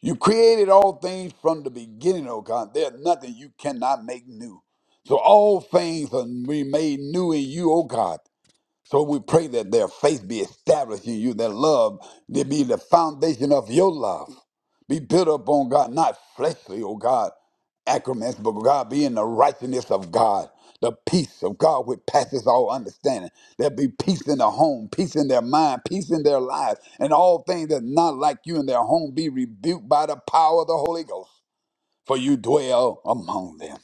S2: you created all things from the beginning, O God. There's nothing you cannot make new. So all things are made new in you, O God. So we pray that their faith be established in you, that love they be the foundation of your love. Be built up on God, not fleshly, oh God, accrements, but God be in the righteousness of God, the peace of God which passes all understanding. There be peace in the home, peace in their mind, peace in their lives, and all things that not like you in their home be rebuked by the power of the Holy Ghost, for you dwell among them.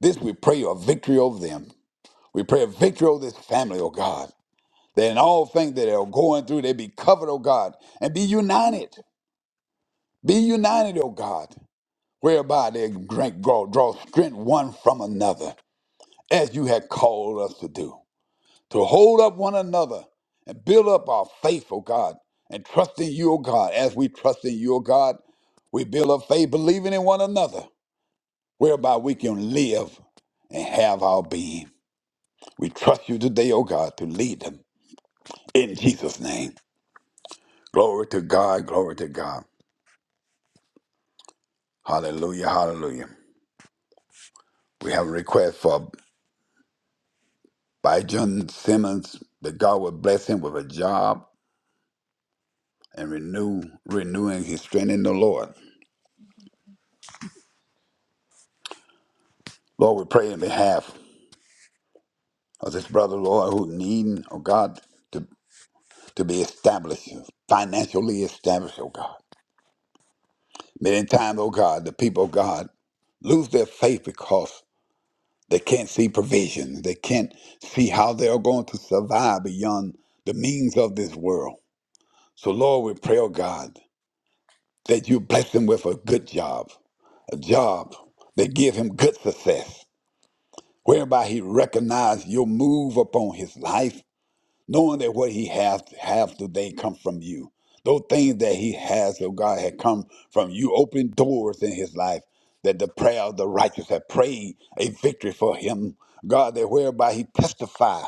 S2: This we pray a victory over them. We pray a victory over this family, oh God. Then all things that are going through, they be covered, O God, and be united. Be united, O God, whereby they drink, draw, draw strength one from another, as you had called us to do, to hold up one another and build up our faith, O God, and trust in you, O God, as we trust in you, O God. We build up faith, believing in one another, whereby we can live and have our being. We trust you today, O God, to lead them in Jesus' name. Glory to God, glory to God. Hallelujah, hallelujah. We have a request for Bijan Simmons that God would bless him with a job and renew renewing his strength in the Lord. Lord, we pray in behalf of this brother, Lord, who need, oh God, to, to be established, financially established, oh God. Many times, oh God, the people, of God, lose their faith because they can't see provision. They can't see how they are going to survive beyond the means of this world. So, Lord, we pray, oh God, that you bless him with a good job, a job that give him good success, whereby he recognize your move upon his life, knowing that what he has have today come from you. Those things that he has, oh God, had come from you. Open doors in his life that the prayer of the righteous have prayed a victory for him, God, that whereby he testify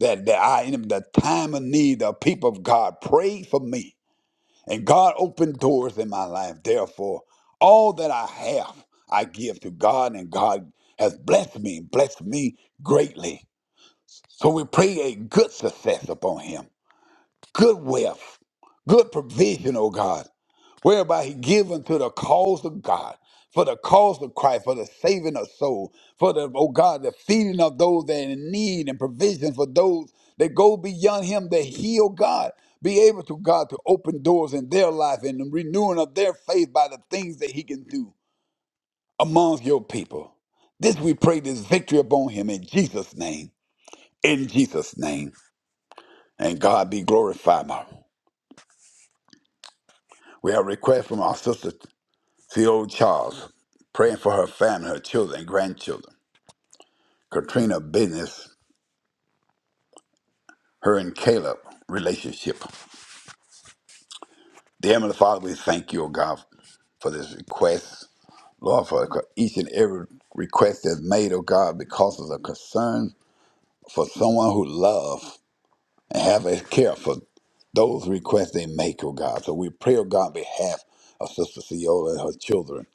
S2: that, that I am in the time of need, the people of God pray for me and God opened doors in my life. Therefore, all that I have, I give to God, and God has blessed me, blessed me greatly. So we pray a good success upon him, good wealth, good provision, oh God whereby he given to the cause of God, for the cause of Christ, for the saving of soul, for the, oh God, the feeding of those that are in need and provision for those that go beyond him that heal God. Be able to God to open doors in their life and the renewing of their faith by the things that he can do amongst your people. This we pray this victory upon him in Jesus' name. In Jesus' name. And God be glorified. My- We have a request from our sister. Theo Charles, praying for her family, her children, and grandchildren. Katrina business, her and Caleb relationship. Dear Heavenly Father, we thank you, O God, for this request. Lord, for each and every request that's made, O God, because of the concern for someone who loves and have a care for those requests they make, O God. So we pray, O God, on behalf of Sister Ciola and her children.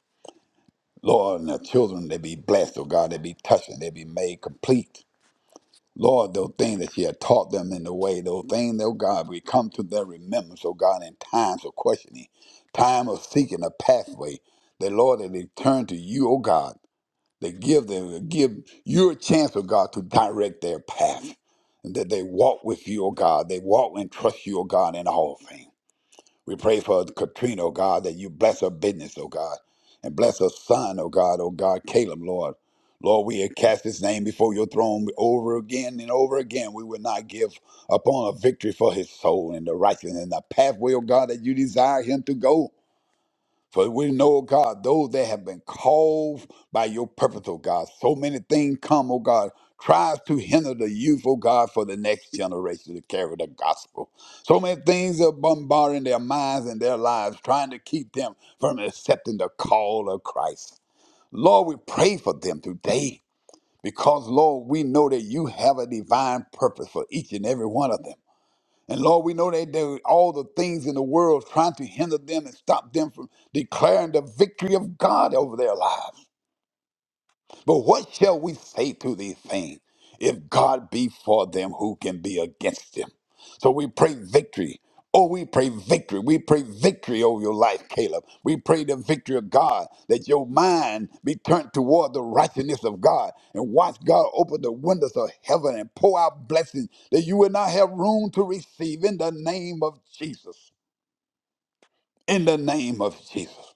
S2: Lord, and their children, they be blessed, O God. They be touched and they be made complete. Lord, those things that She had taught them in the way, those things, oh God, we come to their remembrance, oh God, in times of questioning, time of seeking a pathway. That Lord, that they turn to you, oh God, they give them, give you a chance, oh God, to direct their path. And that they walk with you, oh God. They walk and trust you, oh God, in all things. We pray for Katrina, oh God, that you bless her business, oh God, and bless her son, oh God, oh God, Caleb, Lord. Lord, we cast his name before your throne over again and over again. We will not give upon a victory for his soul and the righteousness and the pathway, oh God, that you desire him to go. For we know, oh God, those that have been called by your purpose, oh God. So many things come, oh God, tries to hinder the youth, oh God, for the next generation to carry the gospel. So many things are bombarding their minds and their lives, trying to keep them from accepting the call of Christ. Lord, we pray for them today because, Lord, we know that you have a divine purpose for each and every one of them. And Lord, we know that there are all the things in the world trying to hinder them and stop them from declaring the victory of God over their lives. But what shall we say to these things? If God be for them, who can be against them? So we pray victory. Oh, we pray victory. We pray victory over your life, Caleb. We pray the victory of God, that your mind be turned toward the righteousness of God. And watch God open the windows of heaven and pour out blessings that you will not have room to receive in the name of Jesus. In the name of Jesus.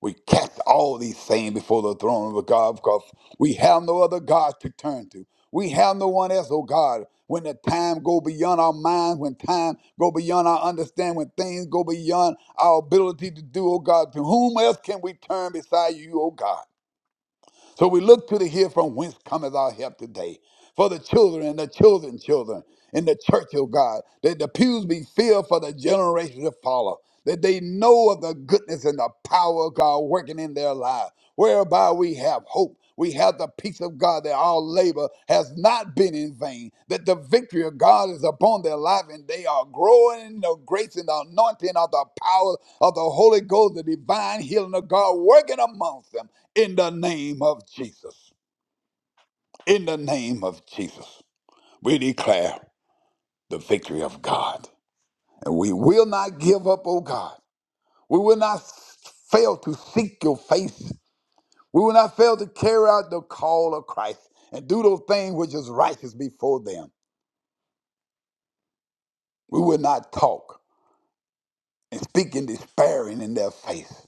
S2: We cast all these things before the throne of God because we have no other God to turn to. We have no one else, oh God. When the time go beyond our minds, when time go beyond our understanding, when things go beyond our ability to do, oh God, to whom else can we turn beside you, oh God? So we look to the hill from whence cometh our help today. For the children and the children's children in the church of God, that the pews be filled for the generations to follow, that they know of the goodness and the power of God working in their lives, whereby we have hope we have the peace of God that our labor has not been in vain, that the victory of God is upon their life, and they are growing in the grace and the anointing of the power of the Holy Ghost, the divine healing of God working amongst them in the name of Jesus. In the name of Jesus, we declare the victory of God. And we will not give up, oh God. We will not fail to seek your face We will not fail to carry out the call of Christ and do those things which is righteous before them. We will not talk and speak in despairing in their face,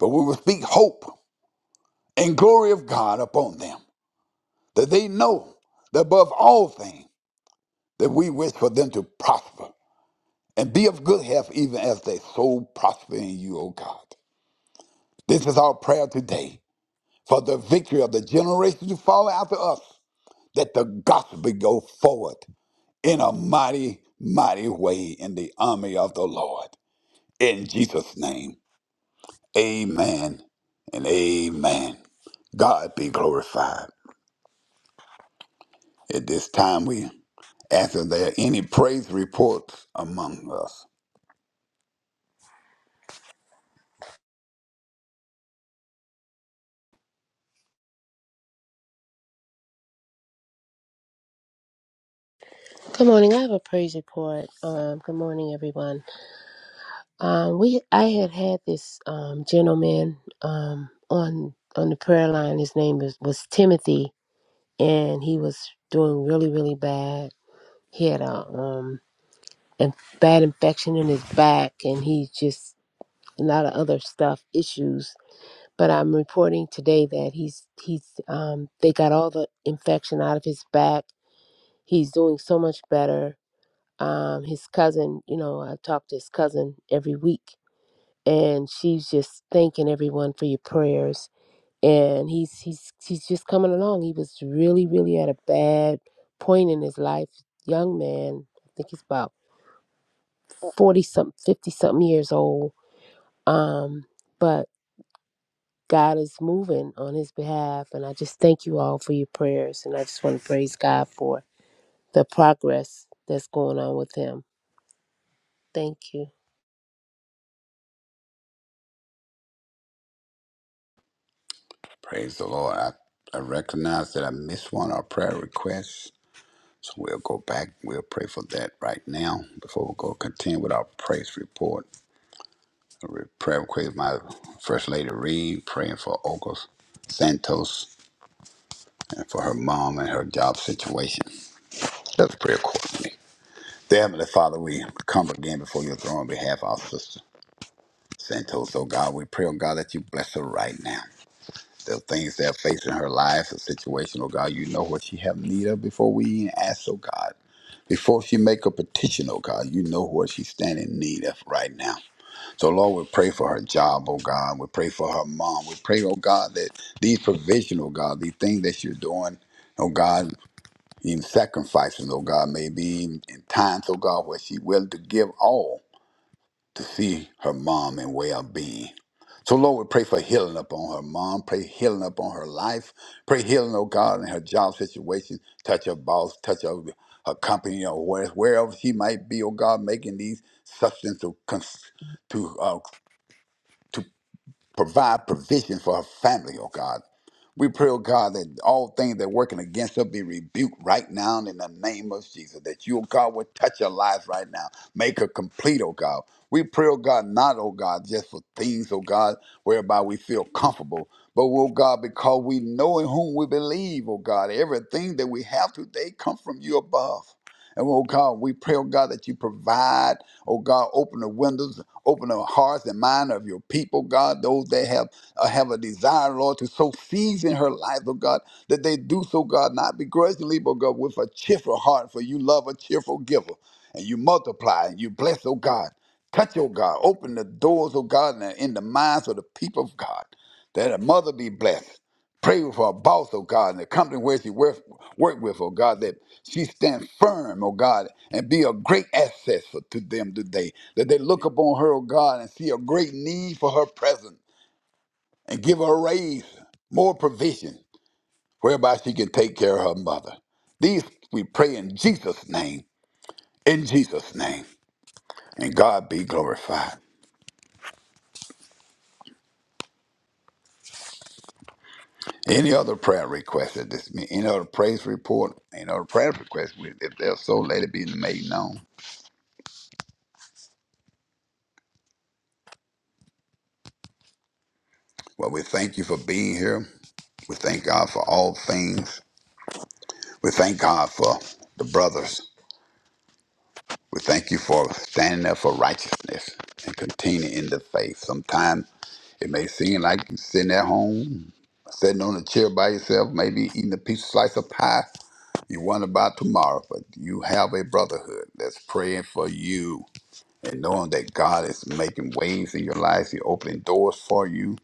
S2: but we will speak hope and glory of God upon them, that they know that above all things that we wish for them to prosper and be of good health even as their soul prosper in you, O God. This is our prayer today for the victory of the generation to follow after us, that the gospel go forward in a mighty, mighty way in the army of the Lord. In Jesus' name, amen and amen. God be glorified. At this time, we ask if there are any praise reports among us.
S6: Good morning. I have a praise report. Um, good morning, everyone. Um, we I had had this um, gentleman um, on on the prayer line. His name was, was Timothy, and he was doing really really bad. He had a um a bad infection in his back, and he just a lot of other stuff issues. But I'm reporting today that he's he's um, they got all the infection out of his back. He's doing so much better um, his cousin, you know, I talk to his cousin every week, and she's just thanking everyone for your prayers. And he's he's he's just coming along. He was really really at a bad point in his life, young man. I think he's about forty something, fifty something years old. Um, but God is moving on his behalf, and I just thank you all for your prayers. And I just want to praise God for the progress that's going on with him. Thank you.
S2: Praise the Lord. I, I recognize that I missed one, our prayer request. So we'll go back. We'll pray for that right now before we go continue with our praise report. A re- Prayer request, my First Lady Reed, praying for Ocas Santos and for her mom and her job situation. Let's pray accordingly. Dear Heavenly Father, we come again before your throne on behalf of our sister Santos. Oh God, we pray, oh God, that you bless her right now. The things that are facing her life, the situation, oh God, you know what she have need of before we even ask, oh God. Before she make a petition, oh God, you know what she stand in need of right now. So Lord, we pray for her job, oh God. We pray for her mom. We pray, oh God, that these provisional, God, these things that you're doing, oh God. even sacrifices, oh God, maybe even in times, oh God, where she willing to give all to see her mom in well-being. So Lord, we pray for healing upon her mom, pray healing upon her life, pray healing, oh God, in her job situation, touch her boss, touch her, her company, or where, wherever she might be, oh God, making these substance to, cons- to uh, to provide provision for her family, oh God. We pray, oh God, that all things that are working against her be rebuked right now in the name of Jesus. That you, oh God, would touch her lives right now. Make her complete, oh God. We pray, oh God, not, oh God, just for things, oh God, whereby we feel comfortable. But, oh God, because we know in whom we believe, oh God, everything that we have today come from you above. And oh God, we pray, oh God, that you provide, oh God, open the windows Open the hearts and mind of your people, God. Those that have uh, have a desire, Lord, to sow seeds in her life, oh God, that they do so, God, not begrudgingly, but God, with a cheerful heart, for you love a cheerful giver, and you multiply, and you bless, oh God. Touch, oh God. Open the doors, oh God, in the, in the minds of the people of God. That a mother be blessed. Pray for our boss, oh God, and the company where she work, work with, oh God, that she stand firm, oh God, and be a great asset for, to them today. That they look upon her, oh God, and see a great need for her presence and give her a raise, more provision, whereby she can take care of her mother. These we pray in Jesus' name, in Jesus' name, and God be glorified. Any other prayer request at this meeting, any other praise report, any other prayer request, if they're so, let it be made known. Well, we thank you for being here. We thank God for all things. We thank God for the brothers. We thank you for standing up for righteousness and continuing in the faith. Sometimes it may seem like you're sitting at home, sitting on a chair by yourself, maybe eating a piece of slice of pie. You wonder about tomorrow, but you have a brotherhood that's praying for you and knowing that God is making ways in your life. He's opening doors for you,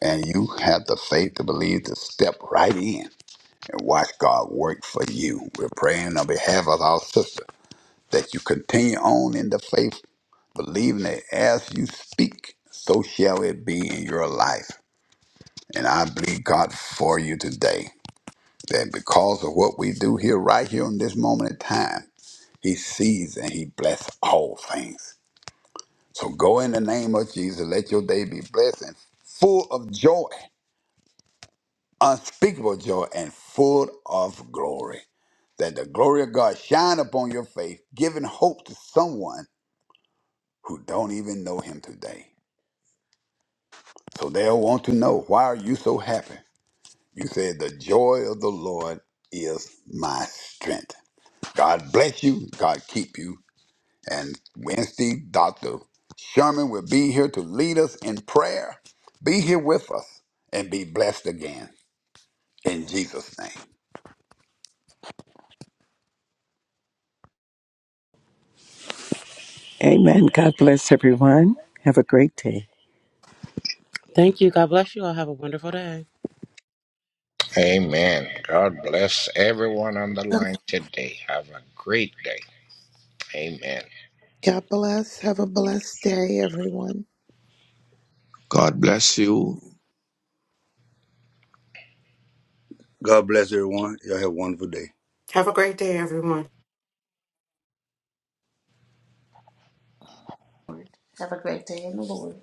S2: and you have the faith to believe to step right in and watch God work for you. We're praying on behalf of our sister that you continue on in the faith, believing that as you speak, so shall it be in your life. And I believe God for you today that because of what we do here, right here in this moment in time, He sees and He bless all things. So go in the name of Jesus. Let your day be blessed and full of joy unspeakable joy and full of glory. That the glory of God shine upon your faith, giving hope to someone who don't even know him today. So they'll want to know why are you so happy? You said the joy of the Lord is my strength. God bless you, God keep you. And Wednesday, Dr. Sherman will be here to lead us in prayer. Be here with us and be blessed again. In Jesus' name.
S7: Amen. God bless everyone. Have a great day.
S8: Thank you. God bless you all. Have a wonderful day.
S4: Amen. God bless everyone on the line today. Have a great day. Amen.
S9: God bless. Have a blessed day, everyone.
S3: God bless you.
S5: God bless everyone. Y'all have a wonderful day.
S10: Have a great day, everyone.
S2: Have a great day in the Lord.